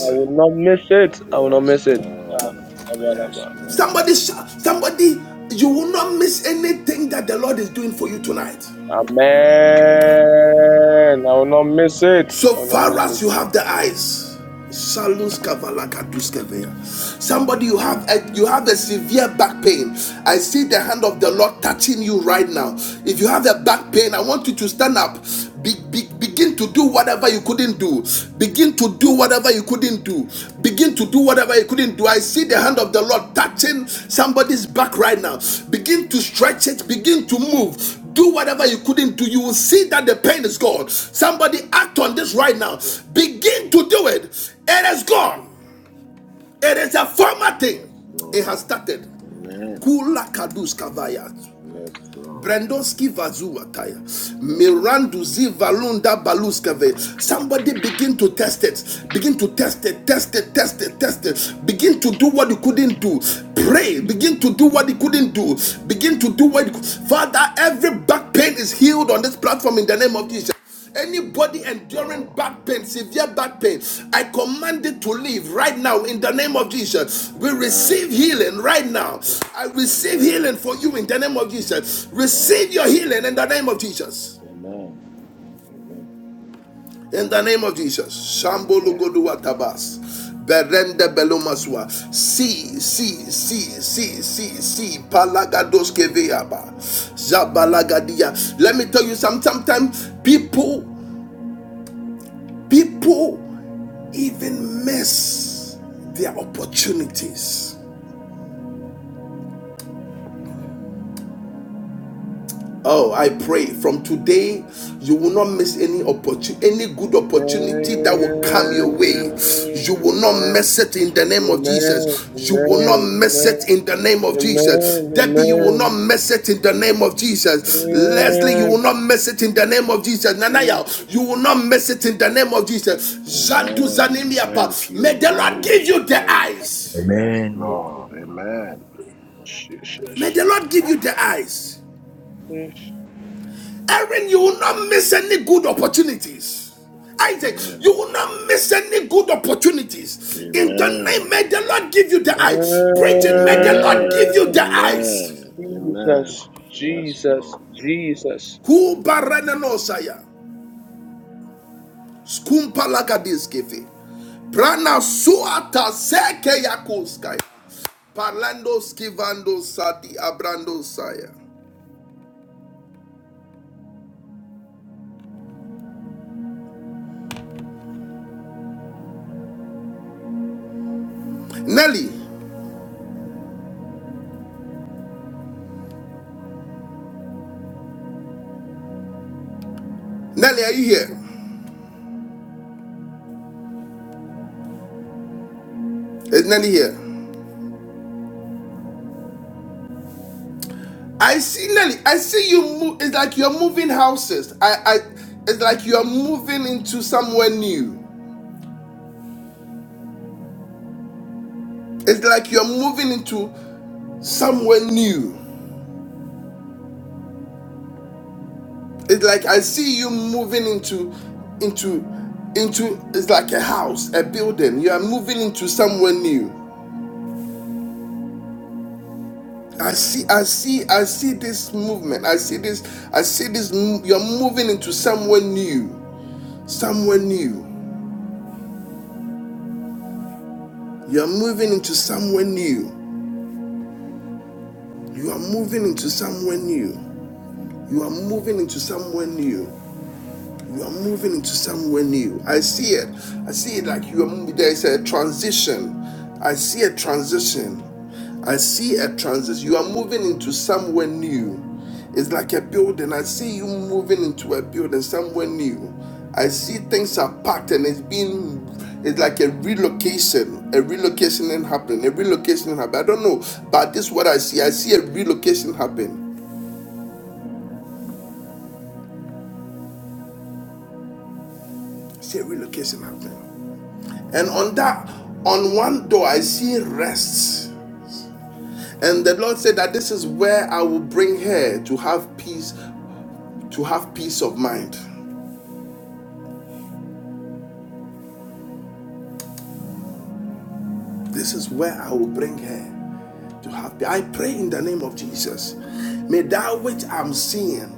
F: I will not miss it. I will not
B: Yes,
F: miss it. Ah,
B: Lord. Yes,
F: balaba.
A: Somebody,
B: Lord.
A: somebody, you will not miss anything that the Lord is doing for you tonight.
B: Amen.
F: Amen. I will not miss it.
A: So
F: I will not
A: far
F: miss it.
A: as you have the eyes,
F: Mm.
A: Shalus kavalakaduskeveya. somebody you have a, you have a severe back pain. I see the hand of the Lord touching you right now. If you have a back pain, I want you to stand up. Be, be- begin to do whatever you couldn't do. Begin to do whatever you couldn't do. Begin to do whatever you couldn't do. I see the hand of the Lord touching somebody's back right now. Begin to stretch it. Begin to move do whatever you couldn't do you will see that the pain is gone somebody act on this right now begin to do it it is gone it is a former thing
B: Yes,
A: it has
B: Lord.
A: started
B: Amen.
A: kula kadus kavaya
B: Yes, Lord.
A: Brandoski Vazuataya.
B: Yes, Lord.
A: Miranduzi Valunda Baluskave. Somebody begin to test it. Begin to test it. Test it. Test it. Test it. Begin to do what you couldn't do. Pray. Begin to do what you couldn't do. Begin to do what you cou- Father, every back pain is healed on this platform in the name of Jesus. Anybody
B: Yes,
A: enduring
B: Lord.
A: back pain, severe back pain, I command it to leave right now in the name of Jesus. We
B: Amen.
A: receive healing right now. I receive
B: Amen.
A: healing for you in the name of Jesus.
B: Amen.
A: Receive your healing in the name of Jesus.
B: Amen. Amen.
A: In the name of Jesus. Shambo
B: Amen.
A: Lugoduwa Tabas. Berende Belomaswa. Si, si, si, si, si, si. Palagados Keveaba. Zabalagadia. Let me tell you some sometimes people people even miss their opportunities. Oh, I pray from today you will not miss any opportunity, any good opportunity that will come your way. You will not
F: Amen.
A: miss it in the name of
F: Amen.
A: Jesus. You will not
F: Amen.
A: miss
F: Amen.
A: it in the name of Jesus.
F: Amen.
A: Debbie, you will not
F: Amen.
A: miss it in the name of Jesus. Leslie, you will not miss it in the name of Jesus.
F: Amen.
A: Nanaya, you will not miss it in the name of Jesus. Zandu
B: Amen. Thank
A: Zanimiapa, may
B: you,
A: the Lord
B: Holy
A: give you the
B: Spirit.
A: eyes
B: Yes,
I: Amen.
B: Lord. Amen.
A: May
F: Jesus.
A: the Lord give you the eyes.
F: Yes.
A: Aaron, you will not miss any good opportunities. Isaac, you
B: Amen.
A: will not miss any good opportunities. In the name,
B: Amen.
A: may the Lord give you the eyes. Bridget, may the Lord
B: Amen.
A: give you
F: Amen.
A: the
B: Amen.
A: eyes.
B: Amen.
F: Jesus.
B: Yes,
F: Jesus.
B: Lord.
F: Jesus.
A: Ku baranenosaya. Skumpalagadiskeve. Prana suata seke yakoskai. Parlando skivando sadi abrando saya. Nelly, Nelly, are you here? Is Nelly here? I see Nelly. I see you move. It's like you're moving houses. I, I. It's like you're moving into somewhere new. It's like you're moving into somewhere new. It's like I see you moving into, into, into. It's like a house, a building. You are moving into somewhere new. I see. I see. I see this movement. I see this. I see this. mo- You're moving into somewhere new. Somewhere new. You're moving into somewhere new. You are moving into somewhere new. You are moving into somewhere new. You are moving into somewhere new. I see it. I see it like you are moving. There is a transition. I see a transition. I see a transition. You are moving into somewhere new. It's like a building. I see you moving into a building somewhere new. I see things are packed and it's being it's like a relocation, a relocation and happening, a relocation happening. I don't know, but this is what I see. I see a relocation happen. I see a relocation happening. And on that, on one door, I see rest. And the Lord said that this is where I will bring her to have peace, to have peace of mind. This is where I will bring her. to have peace. I pray in the name of Jesus. May that which I'm seeing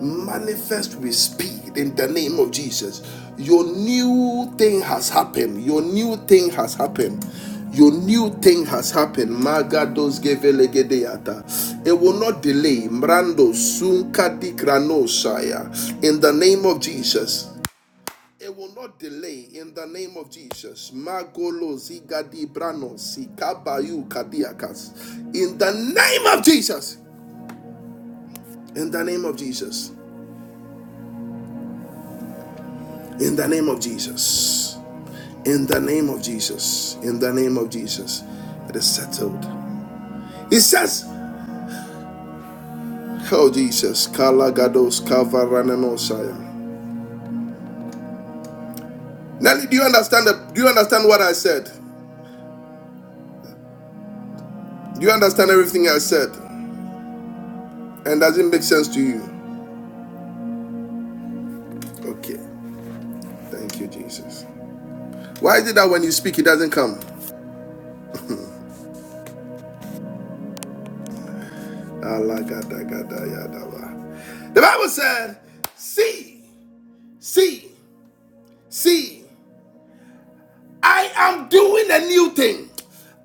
A: manifest with speed in the name of Jesus. Your new thing has happened. Your new thing has happened. Your new thing has happened. Magados gevelegedeata. It will not delay. Mrando sunkadi granosaya. In the name of Jesus. It will not delay in the name of Jesus. Magolo zigadi brano sikabayu kadiakas. In the name of Jesus. In the name of Jesus. In the name of Jesus. In the name of Jesus. In the name of Jesus. It is settled. He says, Oh Jesus, Kala Gados Kavaranenosaya. Nelly, do you understand the, do you understand what I said? Do you understand everything I said? And does it make sense to you? Okay. Thank you, Jesus. Why is it that when you speak, it doesn't come? The Bible said, see, see, see. I am doing a new thing.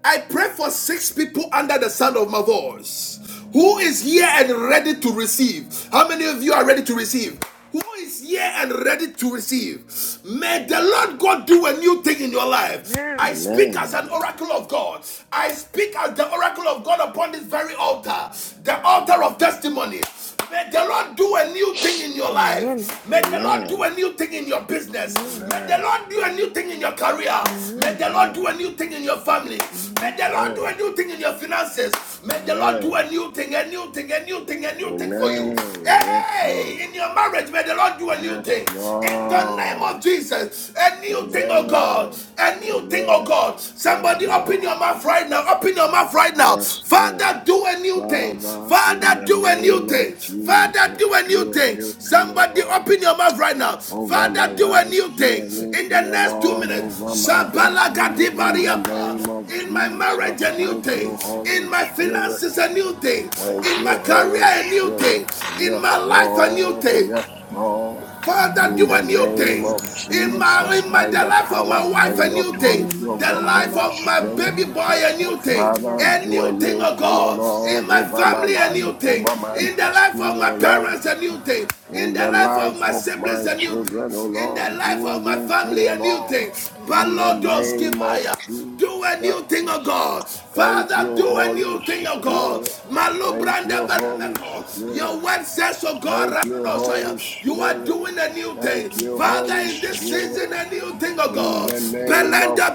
A: I pray for six people under the sound of my voice. Who is here and ready to receive? How many of you are ready to receive? Who is here and ready to receive? May the
B: Amen.
A: Lord God do a new thing in your life. I
D: Amen.
A: speak as an
B: Amen.
A: oracle of God. I speak as the oracle of God upon this very altar, the altar of testimony. May the Lord do a new thing in your life. May the Lord do
B: Amen.
A: a new thing in your business. May the
B: Amen.
A: Lord do a new thing in your career. May the Lord
B: Amen.
A: do a new thing in your family. May the Lord do a
B: Amen.
A: new thing in your finances. May the Lord do
B: Amen.
A: a new thing, a new thing, a new thing, a new thing for you.
B: Amen. Yes,
A: Hey,
B: Lord.
A: in your marriage, may the Lord do a new
B: Yes,
A: thing. In the name
B: Lord.
A: of Jesus, a new thing, oh God,
B: Amen.
A: a new thing, oh
B: Amen.
A: God.
D: Amen. Amen.
B: Yes,
A: Somebody
D: Amen.
A: open your
B: Lord.
A: mouth right now. Open your mouth right now.
B: Yes,
A: Father,
B: Lord.
A: do a new thing.
B: Father, in
A: Father,
B: the
C: Father,
A: do a
C: do a
A: new
B: name
C: new
A: thing.
B: of
C: thing.
A: Father,
B: Jesus,
A: do a
C: A
A: new
B: do a
C: new
A: thing.
B: new
C: thing.
B: thing, O
A: Somebody
B: Lord.
A: open
C: Oh,
A: your mouth
C: Father,
A: right
C: in the
A: now.
B: over
C: name
B: my
A: Father, do
C: of
A: a
B: life,
A: new
B: do
A: thing.
C: Jesus.
A: In the
B: anything, O
A: next two
C: we're
B: Lord,
C: Praying for
B: over
C: a
A: minutes,
B: my
C: new thing to be
B: destiny
C: done.
B: in the name
A: Shabalagadibariyapa.
C: In
B: of
C: the
A: in my
C: mighty name
A: marriage,
C: of
B: Jesus.
A: a new
B: Thank
A: thing.
B: you,
C: Jesus,
B: Holy
A: In my
C: may there be
B: Spirit.
C: a
A: finances, a new
C: turnaround
A: thing.
C: in
B: Thank
C: all
A: In my
B: you,
C: that I'm
A: career,
B: Holy
A: a
C: doing,
A: new
B: Spirit.
A: thing.
C: all that
A: In
C: I
B: Yes,
A: my
C: desire
A: life,
C: to
A: a new
B: Lord.
C: achieve,
A: thing.
B: Yes,
C: oh Father.
B: Lord.
J: In the
C: May
A: Father,
C: there
A: do
B: In
J: name of
A: a
C: be
B: the
C: a
A: new
C: new
B: name
A: thing
C: thing
B: of
C: that
J: Jesus,
A: in
C: takes
J: yes, Lord.
A: my
B: Jesus,
C: place
A: in
C: in the
A: my
B: by
A: the
B: the
C: mighty
A: life of
C: name
J: Give
C: of
A: my
J: me
B: power
J: a
A: wife,
B: and
A: a
J: new
B: the
A: new
J: thing
C: Jesus.
J: in
A: thing.
J: the
B: authority of
J: mighty
A: The
B: the
J: name
A: life
J: of
B: Holy
A: of my
J: Jesus.
B: Spirit,
A: baby boy,
J: Moko
A: a new
J: shata
A: thing.
B: Father,
J: diada
A: A
B: do a
A: new thing,
B: new
A: oh
B: thing, O
A: God.
J: bosa.
A: In
B: Lord,
A: my
B: over my
A: family, a
B: life,
J: Let
A: new
J: the
A: thing.
B: over
J: book
B: my
A: In the life
B: destiny,
A: of my
B: O Lord
A: parents, a new thing. In
B: in
A: the
B: the
A: life of
B: life
A: my
B: of
A: siblings,
B: my
A: a new
B: children, O
A: thing. In the
B: Lord.
A: life
B: Do a
A: of my
B: new thing,
A: family,
B: O
A: a new
B: Lord,
A: thing.
B: in the
A: Balodos
B: name of
A: Kivaya. Do a new
B: Jesus.
A: thing, O God.
B: Thank you,
A: Father, do a
B: Holy
A: new thing, O God.
B: Spirit.
A: Malu
B: Thank
A: branda
B: you, Holy
A: barameko.
B: Spirit.
A: Your word says, O God,
B: Thank you,
A: Ramanosaya,
B: Holy
A: you are
B: Spirit.
A: doing a new thing.
B: Thank you,
D: Amen.
A: Father,
B: Holy
A: in this
B: Spirit.
A: season, a new thing, O
B: In
A: God.
B: the name of
A: Belanda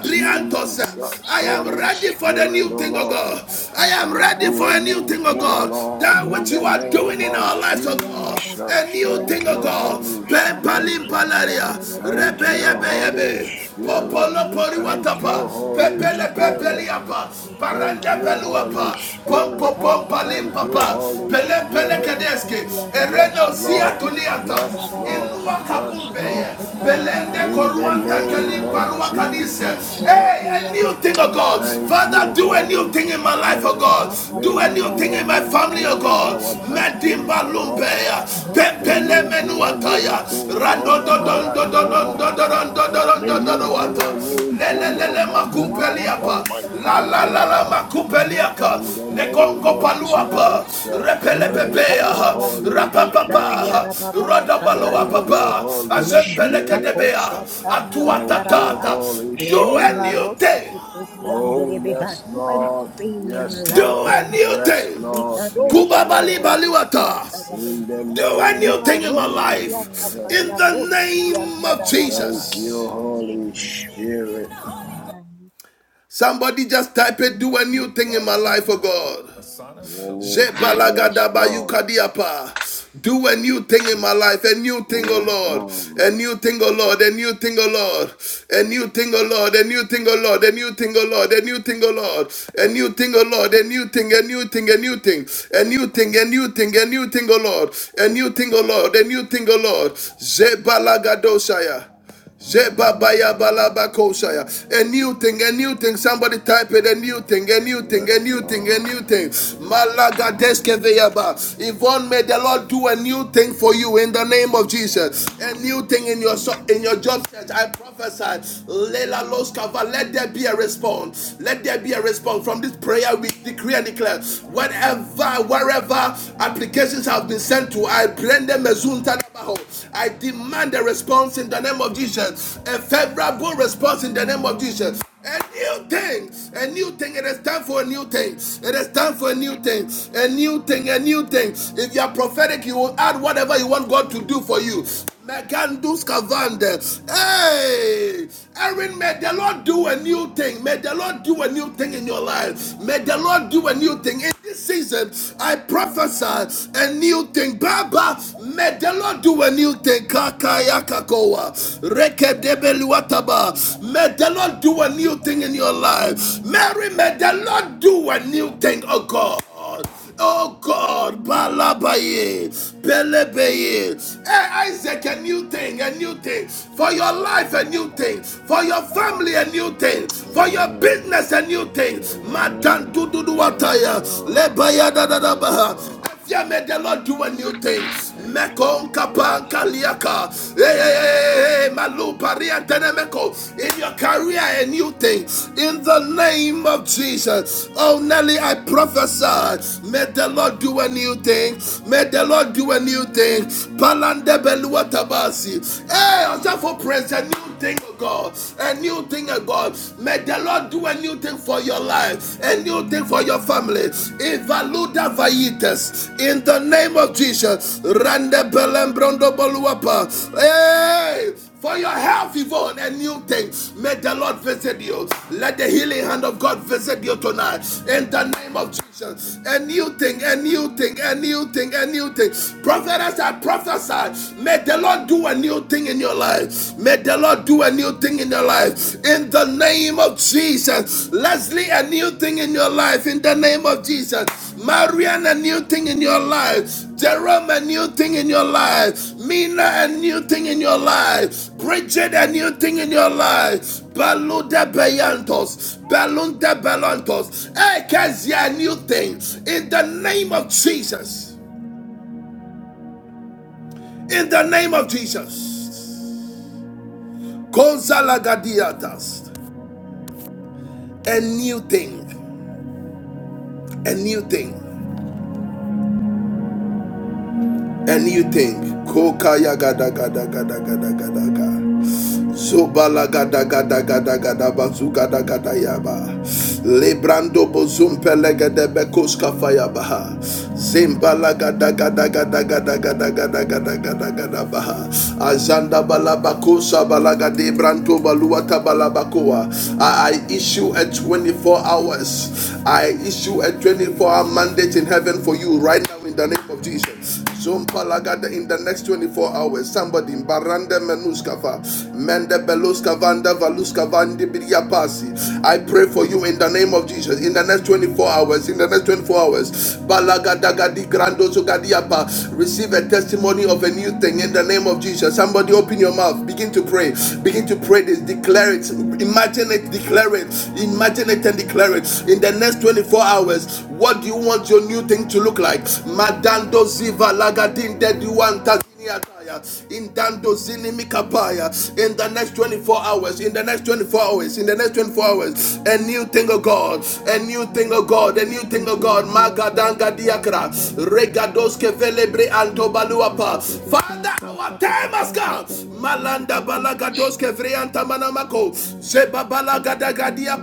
J: be a
A: Briantos.
J: new
B: Jesus,
A: I
J: thing,
A: am
B: Holy
J: Lord.
A: ready for the
B: Spirit,
A: new
B: O
J: Moko
A: thing, O
B: Lord,
A: God. I
J: shata
A: am ready
J: diada
B: do
A: for
B: a
A: a
J: baba
A: new
B: new
A: thing, O
B: thing,
J: bosa.
B: O
A: God.
B: Lord,
A: That
B: in
A: which
B: the
A: you
J: Raka
A: are
D: Amen.
A: doing
J: tosi
B: name
A: in
B: of
A: our
J: kete
A: lives, O
J: dianda
A: God
D: Yes, I
J: raba
A: a
B: Jesus.
D: do
A: new
B: Thank
A: thing,
D: think
J: dianda
D: the
A: of
B: you,
D: life
J: raba.
A: God.
D: of my
B: Holy
D: parents
A: Ben
J: Kato
D: could
A: palim
B: Spirit.
J: shabi
A: palaria,
D: and
J: ande
D: the life
J: rebe
D: of my
B: Thank
D: loved
A: rebeye
B: you,
J: dianda
D: ones for
J: raba
D: the
B: Holy
J: ba.
A: beyebe,
D: doing things,
J: Give me a
B: Spirit.
A: popolo
J: new
B: Thank
D: for
J: thing,
A: poriwatapa,
B: you,
J: Lord.
D: doing new
B: Holy
D: things,
A: pepele
D: for
J: Liba
D: the
B: Spirit.
D: doing
J: rosi
D: new
A: pepeliapa,
D: things,
J: kete
D: for
J: diada
B: Thank
A: paranda
D: doing
B: you,
D: new
J: baba
D: things.
B: Holy
A: peluapa, pompo
B: Spirit.
J: Shakataya
A: pompalim
B: Thank you,
A: papa,
J: Rababa,
B: Holy
A: pele pele
B: Spirit.
A: kadeske,
J: Sekiteria Rababa,
B: Yes,
A: ereno
B: Lord.
J: Sekiteria
D: And
B: Yes,
D: for
A: siatuliata.
D: that I
B: Lord.
J: Rababosha,
A: Elua
D: was
B: Yes,
D: seated with
A: Kakumbeye,
B: Lord.
D: this
J: Lekitaya
A: Belende
D: and
J: Rabu,
B: In the
A: Koruanta
J: Sekiteria
D: devotion.
B: name of
A: Kaliparua
J: Rababa,
A: Kadise. Hey, a
B: Jesus.
J: Lekia
A: new thing, oh
J: Rababa,
A: God.
B: Thank
A: Father,
B: you,
A: do
J: Sekiteria
A: a new
B: Holy
A: thing in
J: Rababa,
A: my life, oh
B: Spirit.
A: God.
B: May
A: Do a
B: you
A: new
J: Rakataya
B: do
A: thing
B: a
A: in my
B: new
J: Rababa,
A: family, oh
B: thing in
A: God.
B: our
J: Sekiteria
B: destinies,
J: Rababa,
A: Medimba
B: O Lord.
A: Lumbeya,
B: May
A: Pempele
J: Rekeria
B: you do a new
A: Menuataya,
J: Rababa,
B: thing
A: Rando
B: over
A: Don
B: my
A: Don
J: Lead
A: Don
B: life,
A: Don
J: my
B: O
A: Don
J: rose
A: Don
B: Lord.
A: Don Don Don Don
B: May
A: Don Don
B: you
J: to
A: Don
B: do a
A: Don
B: new thing
A: lelelele
B: over the life
J: get
B: of
A: makumpeliapa
B: my
A: la la
B: family, O
A: la la
B: Lord.
A: makumpeliaka
B: In the
J: to
B: name
A: nekongo
J: the
B: of
J: end of the
A: paluapa
B: Jesus,
J: Lembi
B: thank
A: repelepepea
B: you, Holy Spirit.
A: rapapapa
B: Thank you,
A: rodabaloapapa
B: Holy Spirit.
A: asempelekedebea
B: Thank you,
A: atuatatata
B: Holy
A: do a new
B: Spirit.
A: thing
B: Oh, yes, Lord.
J: in my
B: Yes,
A: do
J: life,
B: Lord.
A: a
J: Lord.
A: new
B: Yes,
A: thing
B: Lord.
J: Likadosi
B: Yes,
A: Kubabali
B: Lord.
J: yanderebesi
A: kubabalibaliwata
B: In the
J: yantarabesi.
A: do a
B: name
A: new
B: of
A: thing in my
J: Limarosi
C: Father,
A: life
C: do a new
B: Jesus.
A: in
C: thing in
A: the
J: kiyatapayanosi
C: our lives, do
A: name
C: a
A: of
C: new
J: kiyantarababa.
C: thing
B: Thank
C: in our
A: Jesus.
B: you,
C: lives,
B: Holy
C: Father.
J: Jesus.
B: Spirit.
J: name.
A: Somebody just type it, do a new thing in my life, oh God.
B: When you say yes, Lord.
A: Jebalagadaba-yukadiapa. Do a new thing in my life, a new thing, oh
B: Yes,
A: Lord,
B: Lord.
A: a new thing, oh Lord, a new thing, oh Lord, a new thing, oh Lord, a new thing, oh Lord, a new thing, oh Lord, a new thing, oh Lord, a new thing, oh Lord, a new thing, a new thing, a new thing, a new thing, a new thing, a new thing, oh Lord, a new thing, oh Lord, a new thing, oh Lord. Jebalagadosaya. A new thing, a new thing. Somebody type it. A new thing, a new thing,
B: Yes,
A: a new thing, a
B: Lord.
A: new thing.
B: Yes,
A: Malaga
B: Lord.
A: deskeveyaba. Yvonne, may the Lord do a new thing for you in the name of Jesus new
B: Holy
A: thing in your so-
B: Spirit.
A: in your job search. I prophesy. Lela Los Kava, Let there be a response. Let there be a response from this prayer. We decree and declare. Whenever, wherever applications have been sent to, I blend them as soon as Abajo. I demand a response in the name of Jesus, a favorable response in the name of Jesus. A new thing, a new thing. It is time for a new thing. It is time for a new thing, a new thing, a new thing. If you are prophetic, you will add whatever you want God to do for you. Megandus Kavande. Hey, Erin, may the Lord do a new thing. May the Lord do a new thing in your life. May the Lord do a new thing. In this season, I prophesy a new thing. Baba, may the Lord do a new thing. Kakayakakoa. Rekedebeluataba. May the Lord do a new thing in your life. Mary, may the Lord do a new thing, oh God. God. Oh God, Balabaye, Belebeye. Hey, Isaac, a new thing, a new thing. For your life, a new thing. For your family, a new thing. For your
B: Amen.
A: business, a new thing. Madan
B: Amen. Yes,
A: Dududuataya,
B: Lord.
A: Lebaya
B: Yes,
A: Dadadabaha.
B: Lord.
A: Yeah, may the Lord do a new thing.
B: Thank you,
A: Mekon
B: Holy
A: kapan
B: Spirit.
A: kaliaka. Hey, hey, hey, hey, malu paria tenemeko. In your career, a new thing. In the name of Jesus. Oh, Nelly, I prophesy. May the Lord do a new thing. May the Lord do a new thing. Palande belua tabasi. Hey, also for praise a new thing, of God. A new thing, of God. May the Lord do a new new thing for your life, a new thing for your family. Evaluda Vaitas, in the name of Jesus. Rande Belembrondo Boluapa. Hey! For your health, Yvonne, a new thing. May the Lord visit you. Let the healing hand of God visit you tonight. In the name of Jesus action. A new thing, a new thing, a new thing, a new thing. Prophet, as I prophesy, may the Lord do a new thing in your life. May the Lord do a new thing in your life. In the name of Jesus. Leslie, a new thing in your life. In the name of Jesus. Marianne, a new thing in your life. Jerome, a new thing in your life. Mina, a new thing in your life. Bridget, a new thing in your life. Balunde Beyantos, Balunde Belantos, Ekezia, new thing in the name of Jesus. In the name of Jesus, Gonzalagadiatas, a new thing, a new thing, a new thing. Kokaya gada gada gada gada gada gada. Zobalagadagadagadagadabazugadagadayabaha. Lebrando bozumpelegedebekuskafayabaha. Zimbalagadagadagadagadagadagadagadagadabaha. Azanda balabakosa balagadebranto baluata balabakoa. I I issue a 24 hours. I issue a 24 hour mandate in heaven for you right now in the name of Jesus. Zumpalagada in the next 24 hours. Somebody in Baranda Menuskava, Mende Beluska Vanda Valuska Vandi Biriapasi. I pray for you in the name of Jesus. In the next 24 hours, in the next 24 hours, Balagada Gadi Grando Gadiapa, receive a testimony of a new thing in the name of Jesus. Somebody open your mouth, begin to pray, begin to pray this, declare it, imagine it,
C: I
A: declare it,
C: declare it, I
A: imagine it and
C: declare
A: declare it. In the next 24 hours, what do you want your new thing to look like? Madando ziva lagadin dediwanta in Dando Zinimikapaya in the next 24 hours, in the next 24 hours, in the next 24 hours, a new thing of God, a new thing
D: And
A: of God, a
D: located
A: new
D: the
A: thing of
D: base
A: God, Magadanga
D: Yatadabari
A: Diakra,
D: Bayan
A: Regadoske
D: Tadadaba.
A: Velebre
D: Masti
A: Antobaluapa.
D: Kitted the base
A: Father, our time has come.
D: Yatadabari Bayan
A: Malanda
D: Tadadabi.
A: balagados kevrianta manamako.
D: Yes,
A: Zeba
D: Kitted the
A: balagadagadia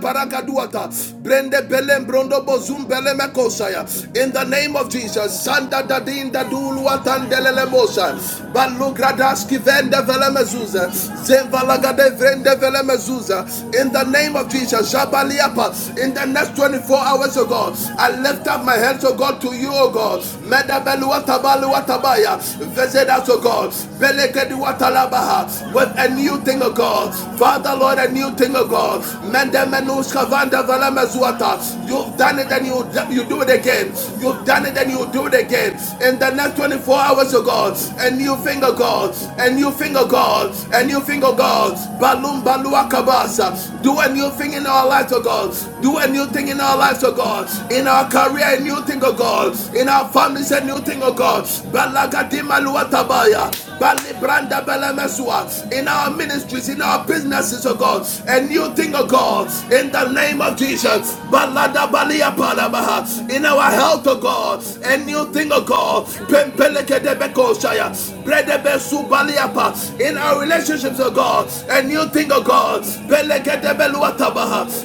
D: bush
A: paragaduata. Brende
D: Thank
A: belem brondo bozum belemekosaya. In the name of Jesus. Sanda dadin daduluatan delelemosa. Balugradaski vende velemezuza. Zembalagade vrende velemezuza. In the name of Jesus. Jabaliapa. In the next 24 hours, oh God. I lift up my hands, oh God, to you, oh God. Meda Medabeluatabaluatabaya. Visit created us, oh God. Belekedi watalabaha. With a new thing, oh God. Father, Lord, a new thing, oh God. Mende menuska vanda valamezuata. You've done it and you, you do it again. You've done it and you do it again.
D: you.
A: In the next 24 hours, oh God. A new thing, oh God. A new thing, oh God. A new thing, oh God. Balum balua kabasa. Do a new thing in our lives, oh God. Do a new thing in our lives, oh God. In our career, a new thing, oh God. In our families, a new thing, oh God. Balaga in our ministries, in our businesses, oh God, a new thing, oh God, in the name of Jesus, in our health, oh God, a new thing, oh God,
D: Maya kata kata Sien
A: in
D: tede
A: our relationships, oh
D: de
A: God, a new thing, oh God,
D: Amen.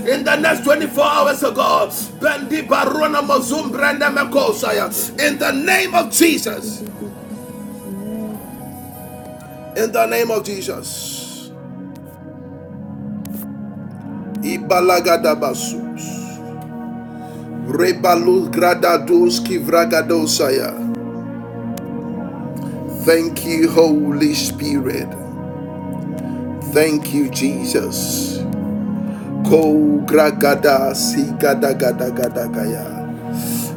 A: in the next 24 hours, oh God, in the name of Jesus. In the name of Jesus. Ibalagadabasus. Rebalus gradados kivragadosaya. Thank you, Holy Spirit. Thank you, Jesus. Ko gragada si gada gada gada gaya.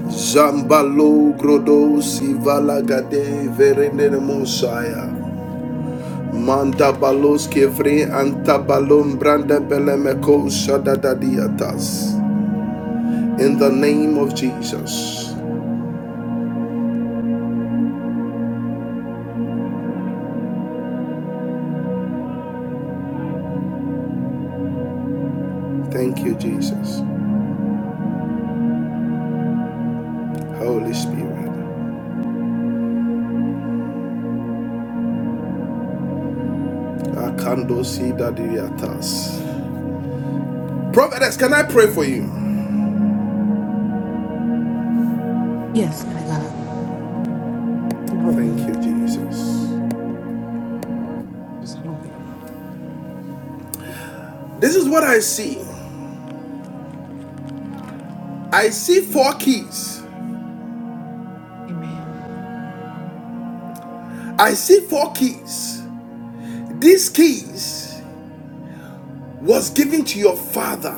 A: Zambalo grodo si valagade verenemosaya. Manda balos kevre antabalon branda belemeko shadadadiatas. In the name of Jesus. Thank you, Jesus. Holy Spirit. Akandosi dadiriatas. Prophetess, can I pray for you?
K: Yes, my God. No,
A: Thank
K: mm,
A: you, Jesus.
K: just hungry.
A: This is what I see. I see four keys.
K: Amen.
A: I see four keys. These keys was given to your father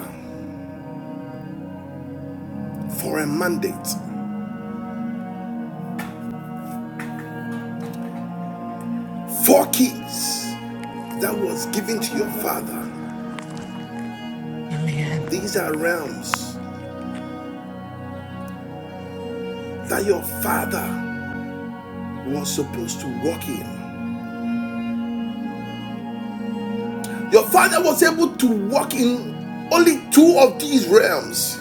A: for a mandate. Four keys that was given to your father.
K: Amen.
A: These are realms that your father was supposed to walk in. Your father was able to walk in only two of these realms.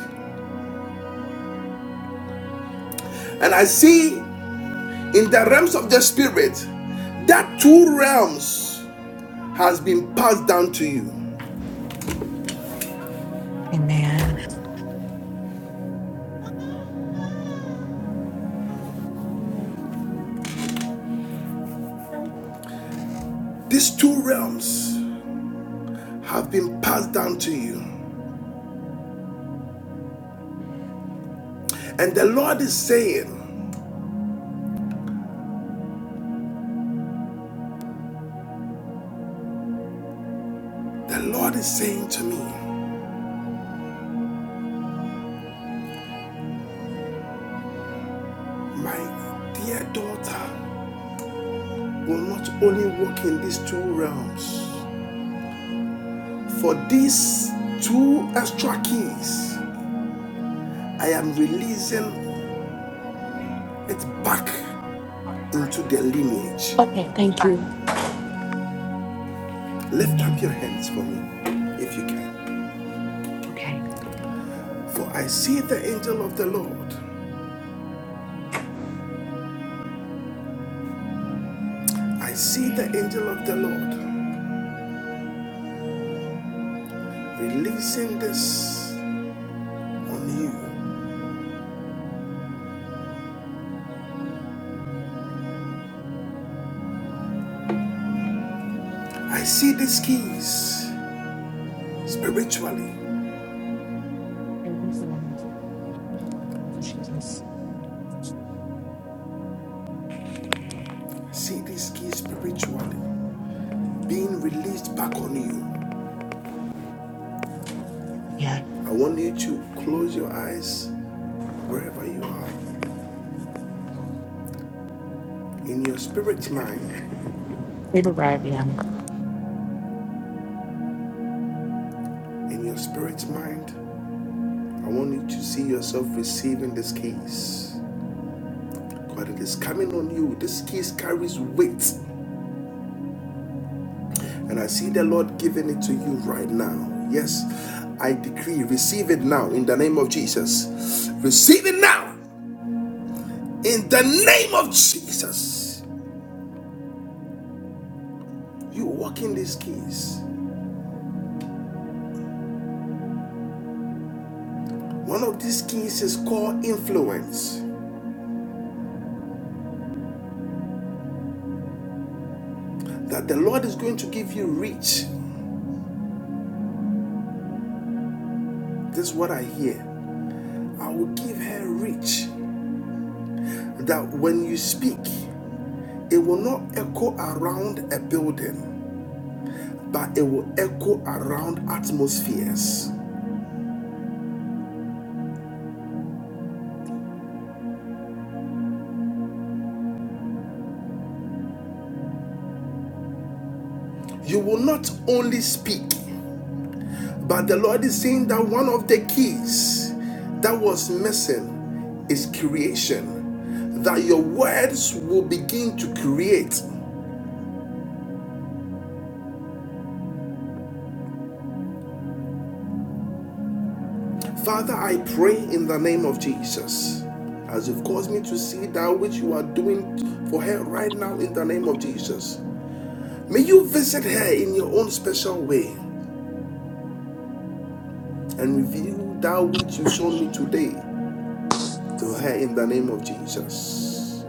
A: And I see in the realms of the spirit that two realms has been passed down to you.
K: Amen.
A: These two realms have been passed down to you. And the Lord is saying, the Lord is saying to me, my dear daughter will not only walk in these two realms, for these two extra keys, I am releasing it back into their lineage.
K: Okay, thank you.
A: Lift up your
K: Amen.
A: hands for me if you can.
K: Okay.
A: For I see the angel of the Lord. I see the angel of the Lord releasing this on you. I see these keys spiritually.
K: Thank you so much. Jesus.
A: I see these keys spiritually being released back on you.
K: Yeah.
A: I want you to close your eyes wherever you are in your spirit's mind.
K: We've arrived, yeah.
A: In your spirit's mind, I want you to see yourself receiving these keys. but it is coming on you. This case carries weight, and I see the Lord giving it to you right now. Yes, I decree, receive it now in the name of Jesus. Receive it now in the name of Jesus. You walk in this case. One of these keys is called influence. That the Lord is going to give you reach. This is what I hear. I will give her reach. That when you speak, it will not echo around a building but it will echo around atmospheres. You will not only speak, but the Lord is saying that one of the keys that was missing is creation, that your words will begin to create. Father, I pray in the name of Jesus. As you've caused me to see that which you are doing for her right now in the name of Jesus. May you visit her in your own special way and reveal that which you've shown me today to her in the name of Jesus.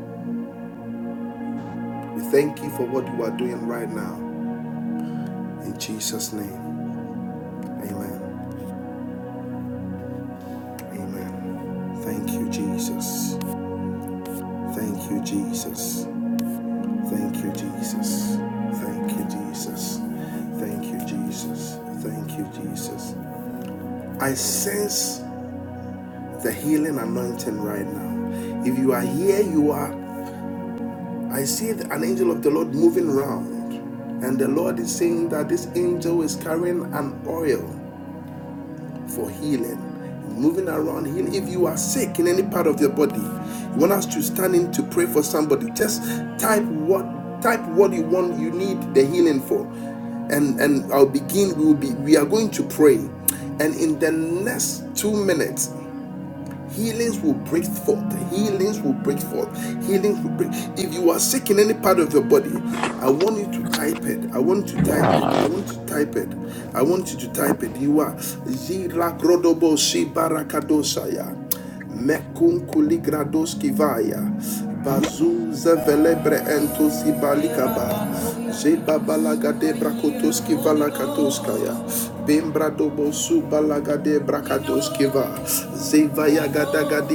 A: We thank you for what you are doing right now. In Jesus' name. Amen. Amen. Thank you, Jesus. Thank you, Jesus. Thank you, Jesus. Thank you, Jesus. Thank you, Jesus. Thank you, Jesus. I sense the healing anointing right now. If you are here, you are I see an angel of the Lord moving around, and the Lord is saying that this angel is carrying an oil for healing, moving around healing. If you are sick in any part of your body, you want us to stand in to pray for somebody. Just type what type what you want you need the healing for, and and I'll begin. We will be we are going to pray, and in the next two minutes Healings will break forth. Healings will break forth. Healings will break. If you are sick in any part of your body, I want you to type it. I want you to type it. I want you to type it. I want you to type it. You are Zila Grodobo Si barakadosaya, Mekun Kuligradoskivaya. Bazu Zevelebre Entosi Balikaba. Jeba balagade brakotoski valakatoskaya. Bembra dobosu balagade brakadoski va. Zeva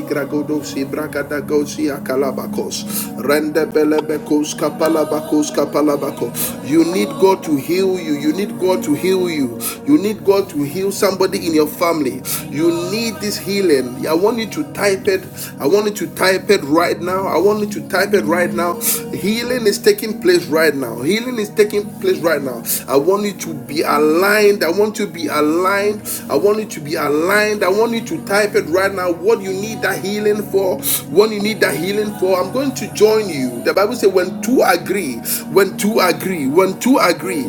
A: gragodosi bragadagosi akalabakos. Rende belebekos kapalabakos kapalabako. You need God to heal you. You need God to heal you. You need God to heal somebody in your family. You need this healing. I want you to type it. I want you to type it right now. I want you to type it right now. Healing is taking taking place right now. Healing is taking place right now. I want you to be aligned. I want you to be aligned. I want you to be aligned. I want you to type it right now. What you need that healing for. What you need that healing for. I'm going to join you. The Bible says, when two agree, when two agree, when two agree,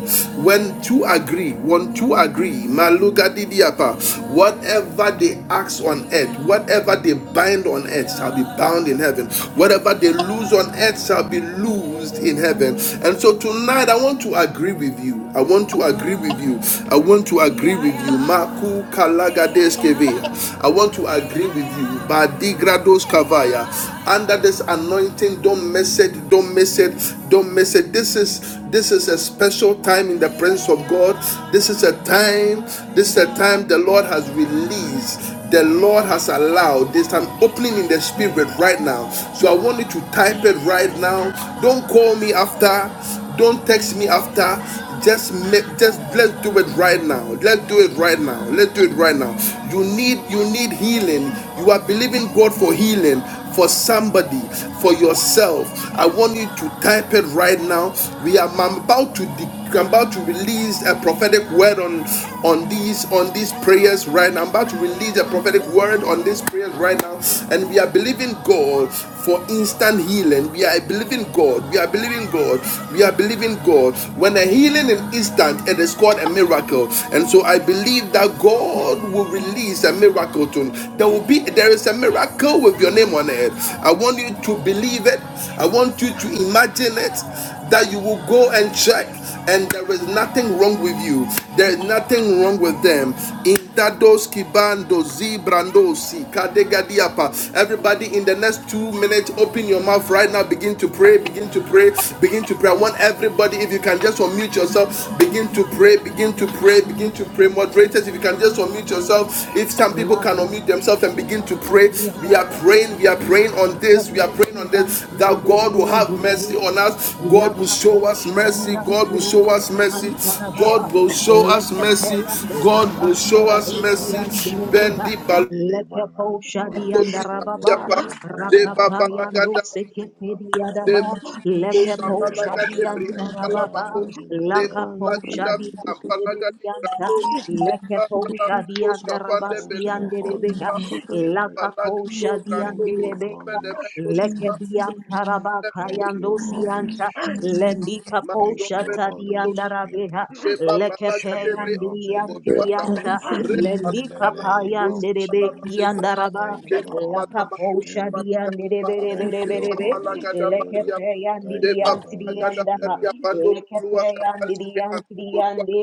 A: when two agree, when two agree, Maluga Didiapa, whatever they ask on earth, whatever they bind on earth shall be bound in heaven. Whatever they lose on earth shall be loosed in heaven. And so tonight I want to agree with you. I want to agree with you. I want to agree with you. Maku kalagadeskeve. I want to agree with you. Badigrados kavaya. Under this anointing, don't miss it. Don't miss it. Don't miss it. This is this is a special time in the presence of God. This is a time. This is a time the Lord has released the Lord has allowed. There's an opening in the spirit right now. So I want you to type it right now. Don't call me after. Don't text me after. Just make, just let's do it right now. Let's do it right now. Let's do it right now. You need you need healing. You are believing God for healing for somebody, for yourself. I want you to type it right now. We are I'm about to de- I'm about to release a prophetic word on on these on these prayers right now. I'm about to release a prophetic word on these prayers right now, and we are believing God for instant healing. We are believing God. We are believing God. We are believing God. When a healing is instant, it is called a miracle. And so I believe that God will release a miracle to you. there will be there is a miracle with your name on it. I want you to believe it. I want you to imagine it that you will go and check and there is nothing wrong with you there is nothing wrong with them in Dados Kibando Zibrandosi Kadegadiapa. Everybody in the next two minutes, open your mouth right now. Begin to pray, begin to pray, begin to pray. I want
B: Yes,
A: everybody, if you
B: Lord.
A: can just unmute
B: Yes,
A: yourself,
B: Lord.
A: begin to pray,
B: Thank
A: begin to
B: you,
A: pray pray, begin
B: Holy
A: to pray.
B: Spirit.
A: Moderators, if you can just unmute
J: Amen.
A: yourself,
B: Thank
A: each time
B: you,
A: people can unmute
B: Holy
A: themselves and begin to
B: Spirit.
A: pray. We are
J: La
B: Thank
A: praying,
B: you,
A: we are
B: Holy
A: praying on
J: Leke
A: this,
B: Spirit.
A: we are praying on this that
B: Thank you,
A: God will have
B: Holy
A: mercy on
B: Spirit.
A: us, God will
B: Mercy,
A: show
B: O
A: us mercy,
B: Lord,
A: God will show us
B: deliver us,
A: mercy,
B: Holy
A: God will
B: Spirit.
A: show us mercy, God
B: Father,
A: will
B: heal
A: show us
B: us, Holy
A: mercy.
B: Spirit.
A: Bendy
B: For
A: Bal.
B: deliver
J: Lekepo
B: us, Holy
A: Tosi
B: Spirit.
A: Mariapa, De
B: Rebo Wambara,
A: Babalagada
B: Rebo
A: Briapa,
B: Wambara.
A: De
B: The
A: Manamako
B: Spirit of
A: Shabalaga
B: the
A: de
B: living
A: Briampalabako,
B: God, in the
A: De
B: name of
A: Balagada
B: Jesus.
A: Briampalaga de Brando, Zemba
J: Shadi
A: Balamako
J: and
A: Skapande
B: Thank
J: Rabasti and
B: you,
A: Beleko
J: Rebea,
B: Holy
A: Skapa,
B: Spirit.
A: Zemba
J: Lakaposha
A: Lagado
B: Thank
A: Brando
B: you,
A: Bozumpe
J: diandelebeka.
B: Holy
A: de Meko
B: Spirit.
A: Skapa,
B: Thank you, Holy
J: Lekediantarabakayandosianta.
B: Spirit. Thank
J: Lendikaposha
B: you,
A: Mazombele
B: Holy
A: Kosta,
B: Spirit.
J: tadiandarabeha.
A: Deba Balaga Debre,
B: Spirit of the living
A: Botwatapa,
J: Lekepeyandiantrianta.
B: God,
A: Remba
B: in the
A: Bala
B: name of
A: Kosta, Bala
B: Jesus,
A: Kosta,
J: Lendikapayanderebekiandaraba.
B: thank you,
A: Demba
B: Holy
A: Bala Kosta,
J: Lakaposha
B: Spirit.
A: Balaga Baha,
B: Thank you,
A: Demba
J: dianderebereberebe.
B: Holy
A: Balaga da
B: Spirit.
A: Baria,
B: Thank
A: Deba
B: you, Holy
A: Balaga da
J: Lekepeyandiantriandaha.
A: Baria,
B: Spirit.
A: Bando Bolua, Zambali, Anto Bolua,
J: Lekepeyandiantriande.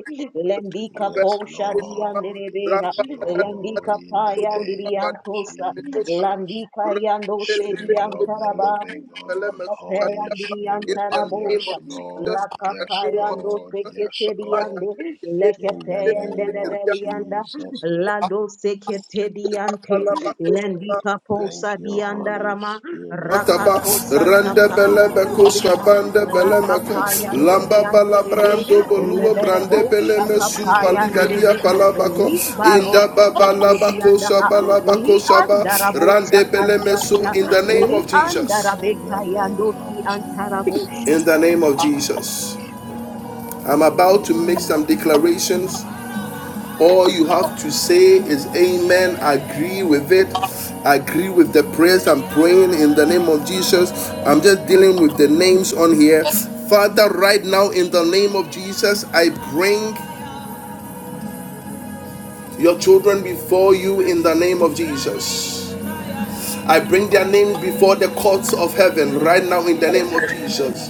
B: Yes,
J: Lendikaposha
B: Lord.
J: dianderebeha.
B: Yes, Lord.
J: Landika
B: In the
J: Paya
B: name of
J: Ndiriantosa,
B: Jesus.
J: Landika Yando
B: Spirit of the
J: Sediantaraba,
B: living God,
J: li
B: Holy
A: in
B: Spirit.
A: the name
B: Yes,
A: of Jesus,
B: Lord.
A: in
B: Yes,
A: the name
B: Lord. Yes,
J: Lakapayandoseketeriyande.
B: Lord. In the name of
J: Lekepeyenderederiyanda.
B: Jesus.
J: Ladoseketeriyante.
A: of Jesus, we
B: Thank you, Holy
J: Lendikaposadiyandarama.
B: Spirit.
A: Taba,
B: Thank
A: Randa
B: you,
A: Bele
B: Holy
A: Bekoska
J: Rakatosatabhayanderebeha.
B: Spirit.
A: Banda Bele Meka,
B: Yes,
A: Lamba
B: Lord.
A: Bala
J: Rakapayandiriyantebe.
B: Yes,
A: Brando
B: Lord.
A: Bolua Brande Bele
B: In the
A: Mesum
B: name of
A: Paligadia
J: Lebereboshakapayanderebe.
A: Palabako,
B: Jesus,
A: Inda Baba
B: Holy
A: Labakosa
J: Libaroseketeriyandaha.
B: Spirit, O
A: Balabakosa
B: Lord,
A: Ba, Rande
B: Spirit of
A: Bele
B: the
A: Meso,
J: Liandarabosakadiyanta.
B: living
A: in the name of
B: God.
J: Li
A: Jesus.
B: In the name of
J: andarabekayandoti
B: Jesus,
J: antarabosha.
A: In the
B: thank
A: name of
B: you, Holy
A: Jesus.
B: Spirit.
A: I'm about to make
J: Amen.
A: some declarations All you have to say is amen, agree with it, agree with the prayers I'm praying in the name of Jesus. I'm just dealing with the names on here. Father, right now in the name of Jesus, I bring your children before you in the name of Jesus. I bring their names before the courts of heaven right now in the name of Jesus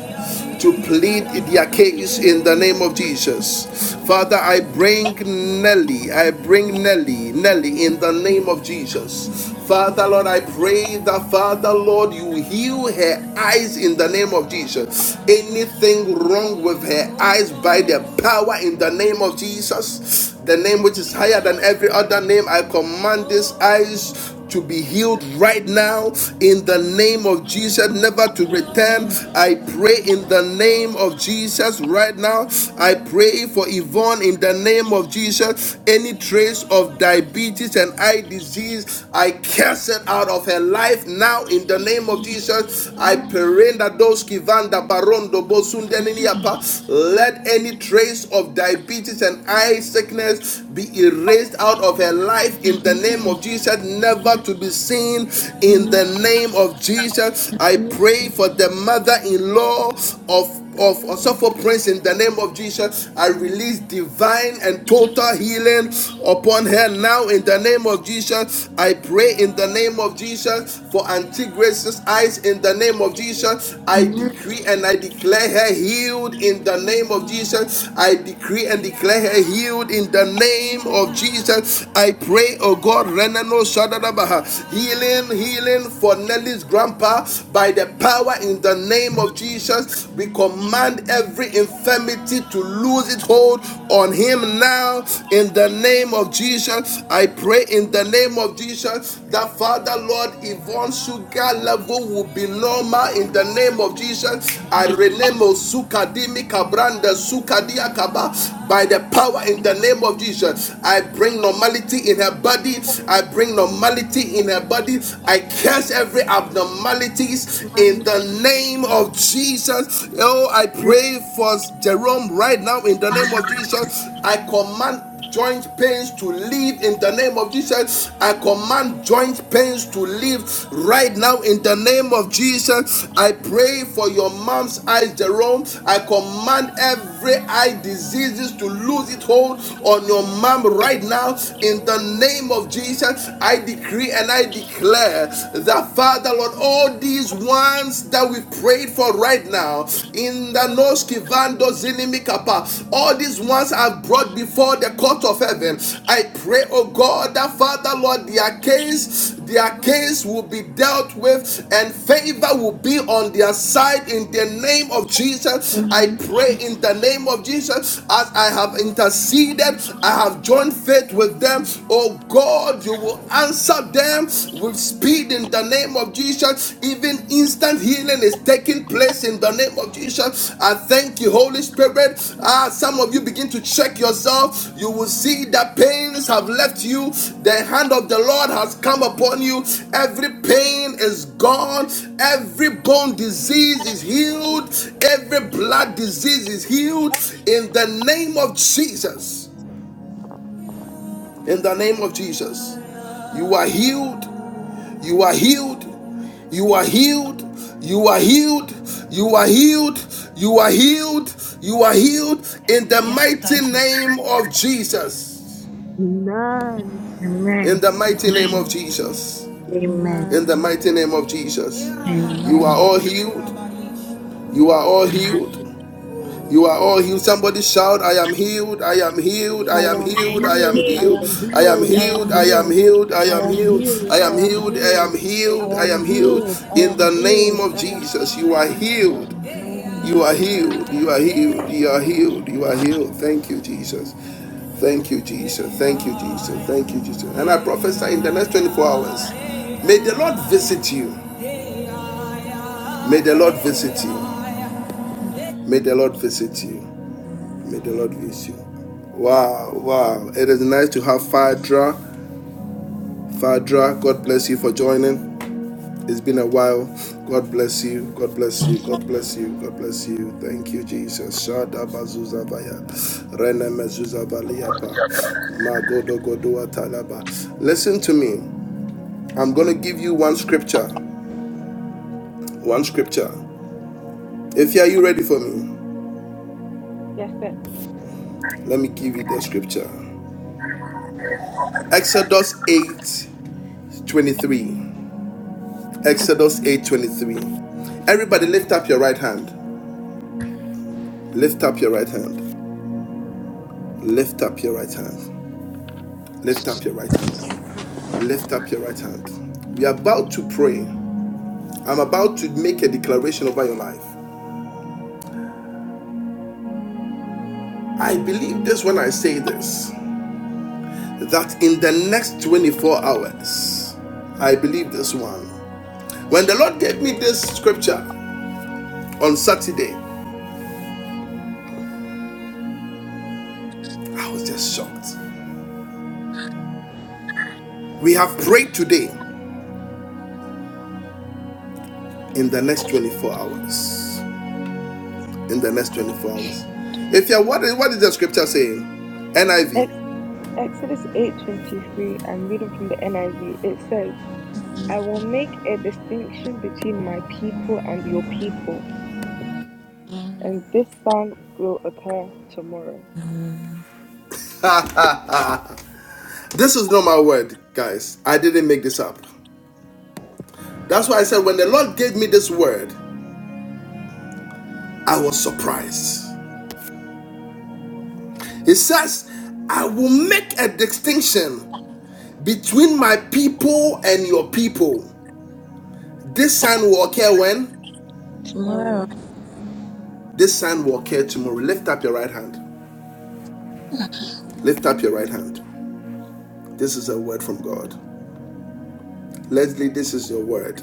A: to plead their case in the name of Jesus. Father, I bring Nelly, I bring Nelly, Nelly in the name of Jesus. Father, Lord, I pray that, Father, Lord, you heal her eyes in the name of Jesus. Anything wrong with her eyes by the power in the name of Jesus, the name which is higher than every other name, I command these eyes to be healed right now in the name of Jesus, never to return. I pray in the name of Jesus right now. I pray for Yvonne in the name of Jesus. Any trace of diabetes and eye disease, I cast it out of her life now in the name of Jesus. I pray perenda those kivanda barondo bosundeniniapa. Let any trace of diabetes and eye sickness be erased out of her life in the name of Jesus. Jesus, never to be seen in the name of Jesus. I pray for the mother in law of of Osofo Prince in the name of Jesus. I release divine and total healing upon her now in the name of Jesus. I pray in the name of Jesus for Auntie Grace's eyes in the name of Jesus. I decree and I declare her healed in the name of Jesus. I decree and declare her healed in the name of Jesus. I pray, oh oh God, Renano Shadadabaha, healing, healing for Nelly's grandpa by the power in the name of Jesus. We command every infirmity to lose its hold on him now in the name of Jesus. I pray in the name of Jesus that Father Lord Yvonne's sugar level will be normal in the name of Jesus. I rename Osukadimi Kabranda Sukadia Kaba by the power in the name of Jesus. I bring normality normality in her body. I bring normality in her body. I curse every abnormalities in the name of Jesus. Oh, I pray for Jerome right now in the name of Jesus. I command joint pains to leave in the name of Jesus. I command joint pains to leave right now in the name of Jesus. I pray for your mom's eyes, Jerome. I command every eye diseases to lose its hold on your mom right now now in the name of Jesus. I decree and I declare that, Father, Lord, all these ones that we prayed for right now in the Noski Vando Zinimikapa, all these ones are brought before the court of heaven. I pray, oh God, that, Father, Lord, their case, their case will be dealt with and favor will be on their side in the name of Jesus. I pray in the name of Jesus as I have interceded, I have have joined faith with them. Oh God, you will answer them with speed in the name of Jesus. Even instant healing is taking place in the name of Jesus. I thank you, Holy Spirit. Ah, some of you begin to check yourself. You will see that pains have left you. The hand of the Lord has come upon you. Every pain is gone. Every bone disease is healed. Every blood disease is healed in the name of Jesus in the name of Jesus. You are healed. You are healed. You are healed. You are healed. You are healed. You are healed. You are healed in the Yes, mighty name of Jesus.
J: Amen.
A: In
G: Amen.
A: the
G: Amen. Amen.
A: in the
J: Amen.
A: Jesus.
J: Thank
A: You are
J: you,
G: Amen.
A: all
J: Jesus.
A: healed. You are all
J: Thank
A: healed. You are.
J: you.
A: Somebody shout, I am healed, I am healed, I
J: I
A: am
J: am
A: healed, I am
J: healed.
G: Yeah.
J: I
A: healed,
J: am
A: I am
J: healed. I am
A: healed, I am
J: healed.
A: healed, I
J: I
A: am
J: am
A: healed,
J: healed.
A: I
J: I
A: am
J: am
A: healed, I
J: healed.
A: am
J: I
A: healed, I
J: am
A: am healed.
J: healed. I
A: In
J: am
A: the name
J: healed.
A: of
J: I am
A: Jesus,
J: healed.
A: you are
B: I
A: healed,
B: am healed
A: you
B: in
A: are
J: Amen.
B: the name
A: healed,
B: of
A: you are healed,
B: Jesus.
A: you are healed, you are healed. Thank you, Jesus. Thank you, Jesus. Thank you, Jesus. Thank you, Jesus. And I prophesy in the next 24 hours, may the Lord visit you. May the Lord visit you. May the Lord visit you. May the Lord bless you. Wow, wow. It is nice to have Fadra. Fadra, God bless you for joining. It's been a while. God bless you. God bless you. God bless you. God bless you. Thank you, Jesus. Shada bazuza vaya. Rene mezuza valiapa. Magodo godoa talaba. Listen to me. I'm going to give you one scripture. One scripture. If you are you ready for me,
D: Yes, sir.
A: let me give you the scripture. Exodus 8:23. Exodus 8:23. Everybody lift up your right hand. Lift up your right hand. Lift up your right hand. Lift up your right hand. Lift up your right hand. We are about to pray. I'm about to make a declaration over your life. I believe this when I say this that in the next 24 hours I believe this one. When the Lord gave me this scripture on Saturday, I was just shocked. We have prayed today in the next 24 hours. in the next 24 hours. If you're what is, what is the scripture saying?
D: Ex-
A: NIV.
D: Exodus 8:23. I'm reading from the NIV. It says. I will make a distinction between my people and your people, and this sound will occur tomorrow.
G: Amen.
A: This is not my word, guys. I didn't make this up. That's why I said when the Lord gave me this word, I was surprised. He says, I will make a distinction between my people and your people. This sign will occur when?
G: Tomorrow.
D: Tomorrow.
A: This sign will occur tomorrow. Lift up your right hand. Lift up your right hand. This is a word from God. Leslie, this is your word.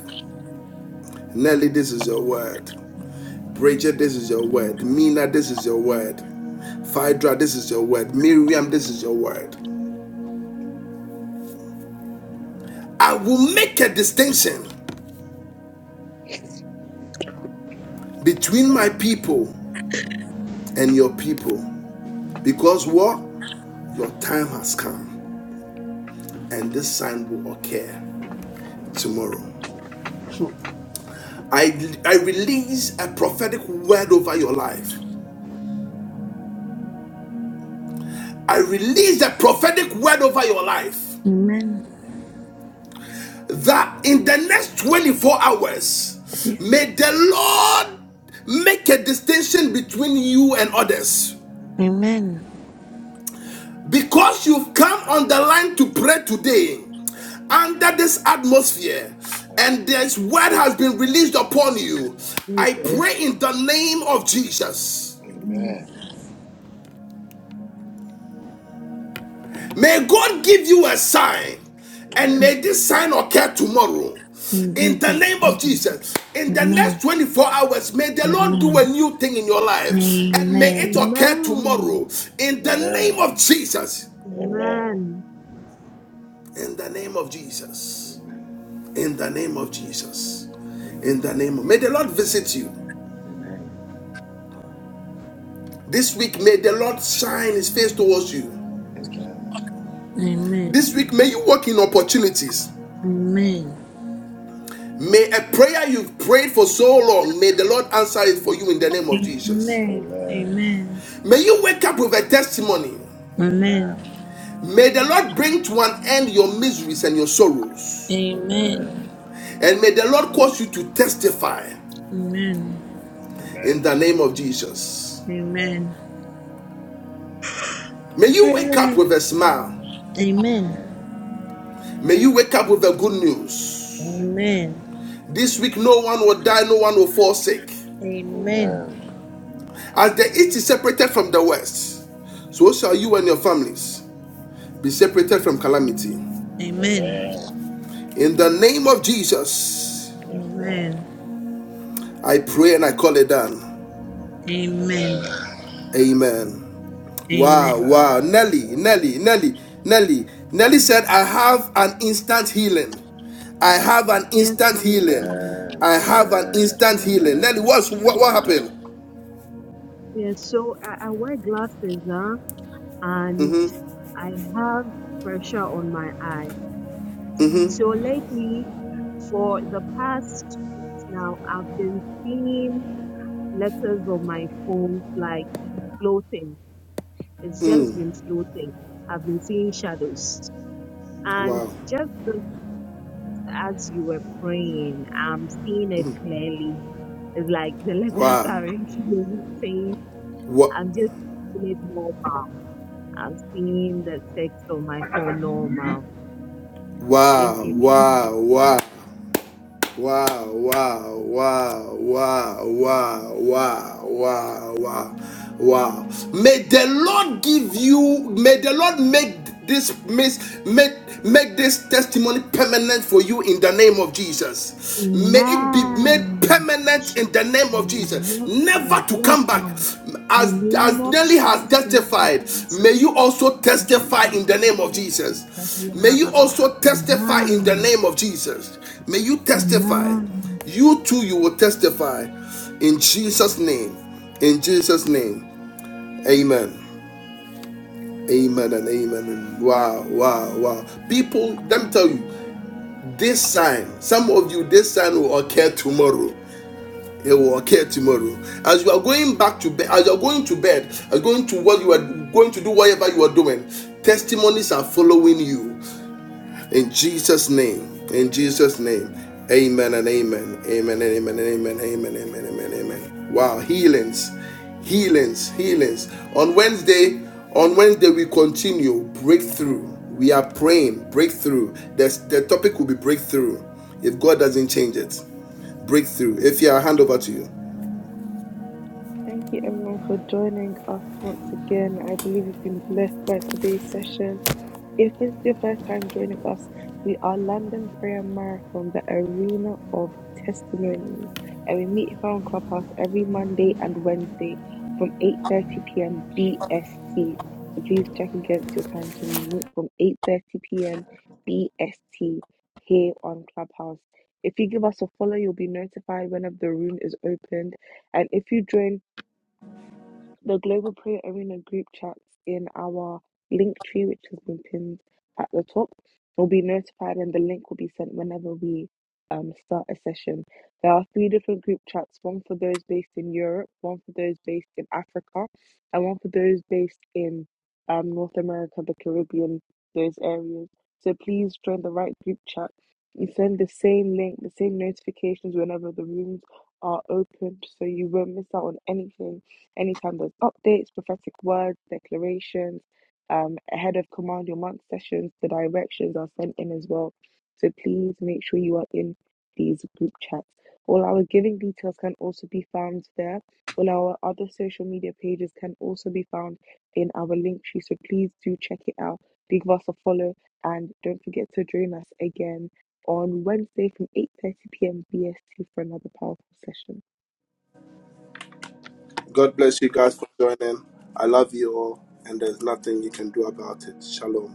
A: Nelly, this is your word. Bridget, this is your word. Mina, this is your word. Phaedra, this is your word. Miriam, this is your word. I will make a distinction between
D: Well,
A: my people and your people because what? Your time has come and this sign will occur tomorrow. I, I release a prophetic word over your life. I release a prophetic word over your life.
G: Amen.
A: that in the next 24 hours, may the Lord make a distinction between you and others.
G: Amen.
A: Because you've come on the line to pray today,
B: Yes, Lord.
A: under this atmosphere,
B: Yes,
A: and
B: Lord.
A: this word has been released upon you, I
B: Yes,
G: Jesus.
A: pray
B: Lord.
A: in the name of Jesus.
G: In
B: Amen.
A: May God give you a sign, and may
B: Amen.
A: this sign occur tomorrow. In
B: Amen.
A: the
G: Jesus.
A: name of Jesus, in the
G: Amen.
A: next
B: Amen.
A: 24 hours, may the Lord do a
G: Amen.
A: new thing in your life, and may
G: Amen.
A: it
B: Amen.
A: occur
J: Amen.
A: tomorrow. In the name
B: Amen.
A: of Jesus,
B: Amen.
J: Amen.
A: in the name of Jesus,
B: Amen.
A: in the name of Jesus, in
B: Amen.
A: the name of. May the Lord visit you
B: Amen. Amen.
A: this week. May the Lord shine His face towards you.
B: Amen.
G: Amen.
A: This week, may you walk in opportunities.
B: Amen.
G: Amen.
A: May a prayer you've prayed for so long, may the Lord answer it for you in the name
G: Amen.
A: of Jesus.
B: Amen.
G: Amen.
A: May you wake up with a testimony.
G: Amen.
B: Amen.
A: May the Lord bring to an end your miseries and your sorrows.
B: Amen.
G: Amen.
B: Amen.
A: And may the Lord cause you to testify
G: Amen.
A: in the name of Jesus.
B: Amen.
G: Amen.
A: May you wake up
G: Amen.
A: with a smile.
G: Amen.
B: Amen.
A: May you wake up with the good news. This week, no one will die, no one will fall sick.
G: Amen.
B: Amen.
A: As the east is separated from the west, so shall you and your families be separated from calamity.
G: Amen.
B: Amen.
A: In the name of Jesus,
B: Yes, Lord.
G: Amen.
A: I pray and I call it done.
G: Amen.
B: Amen.
A: Amen.
G: Amen.
A: Wow, wow.
B: Amen.
A: Nelly,
B: Amen.
A: Nelly, Nelly, Nelly. Nelly said, I have an instant healing. I have an
J: Yes,
A: instant
J: man.
A: healing.
J: Yes,
B: Amen.
A: I have an
B: Amen.
A: instant
J: yes.
A: healing. Nelly,
B: Amen.
A: what's, what, what
B: Amen.
A: happened?
J: Yes, So I, I wear glasses, huh? And
A: Mm-hmm.
J: I have pressure on my eye. So lately, for the past two weeks now, I've been seeing letters on my phone like floating. It's just been floating. I've been seeing shadows. And
A: Wow.
J: just this, as you were praying, I'm seeing it clearly. It's like the letters
A: Wow.
J: are floating.
A: Wow.
J: I'm just seeing it normal. I'm seeing the text on my phone normal. Thank
A: Wow.
J: you, Jesus.
A: Wow. Wow. Wow, wow, wow, wow, wow, wow, wow, wow, wow. May the Lord give you, may the Lord make this miss make make this testimony permanent for you in the name of Jesus. May it be made
J: Amen.
A: permanent
J: Jesus.
A: in the name of
J: name.
A: Jesus,
J: Yes,
A: never
J: Lord.
A: to
J: Yes,
A: come back.
J: Lord. In
A: As
J: the name
A: as
J: of
A: Nelly has
J: Jesus, thank you,
A: testified, may
J: Jesus.
A: you also testify in the name of Jesus.
J: Amen.
A: May you also testify in the
J: Amen.
A: name of Jesus. May you testify.
J: Amen.
A: You too, you will testify in Jesus' name. In Jesus' name. Amen. Amen and amen. wow, wow, wow. People, let me tell you, this sign, some of you, this sign will occur tomorrow. It will occur tomorrow. As you are going back to bed, as you are going to bed, as going to what you are going to do, whatever you are doing, testimonies are following you In Jesus' name. In Jesus' name. Amen and amen. Amen and amen and amen. Amen. Amen. Amen. Amen. Wow. Healings. Healings. Healings. On Wednesday, on Wednesday, we continue breakthrough. We are praying breakthrough. That's, the topic will be breakthrough. If God doesn't change it, breakthrough. If you are, hand over to you.
D: Thank you everyone for joining us once again. I believe you've been blessed by today's session. If this is your first time joining us, we are London Prayer Marathon, the arena of testimonies, and we meet here on Clubhouse every Monday and Wednesday from 8:30 p.m. BST. So please check against your time so we meet from 8:30 p.m. BST here on Clubhouse. If you give us a follow, you'll be notified whenever the room is opened, and if you join the Global Prayer Arena group chats in our link tree, which has been pinned at the top, will be notified and the link will be sent whenever we um, start a session. There are three different group chats one for those based in Europe, one for those based in Africa, and one for those based in um, North America, the Caribbean, those areas. So please join the right group chat. You send the same link, the same notifications whenever the rooms are opened so you won't miss out on anything Anytime there's updates, prophetic words, declarations, um, ahead of Command Your Month sessions, the directions are sent in as well. So please make sure you are in these group chats. All our giving details can also be found there. All our other social media pages can also be found in our link tree. So please do check it out. Do Give us a follow and don't forget to join us again on Wednesday from 8:30 p.m. BST for another powerful session.
A: God bless you guys for joining. I love you all, and there's nothing you can do about it. Shalom.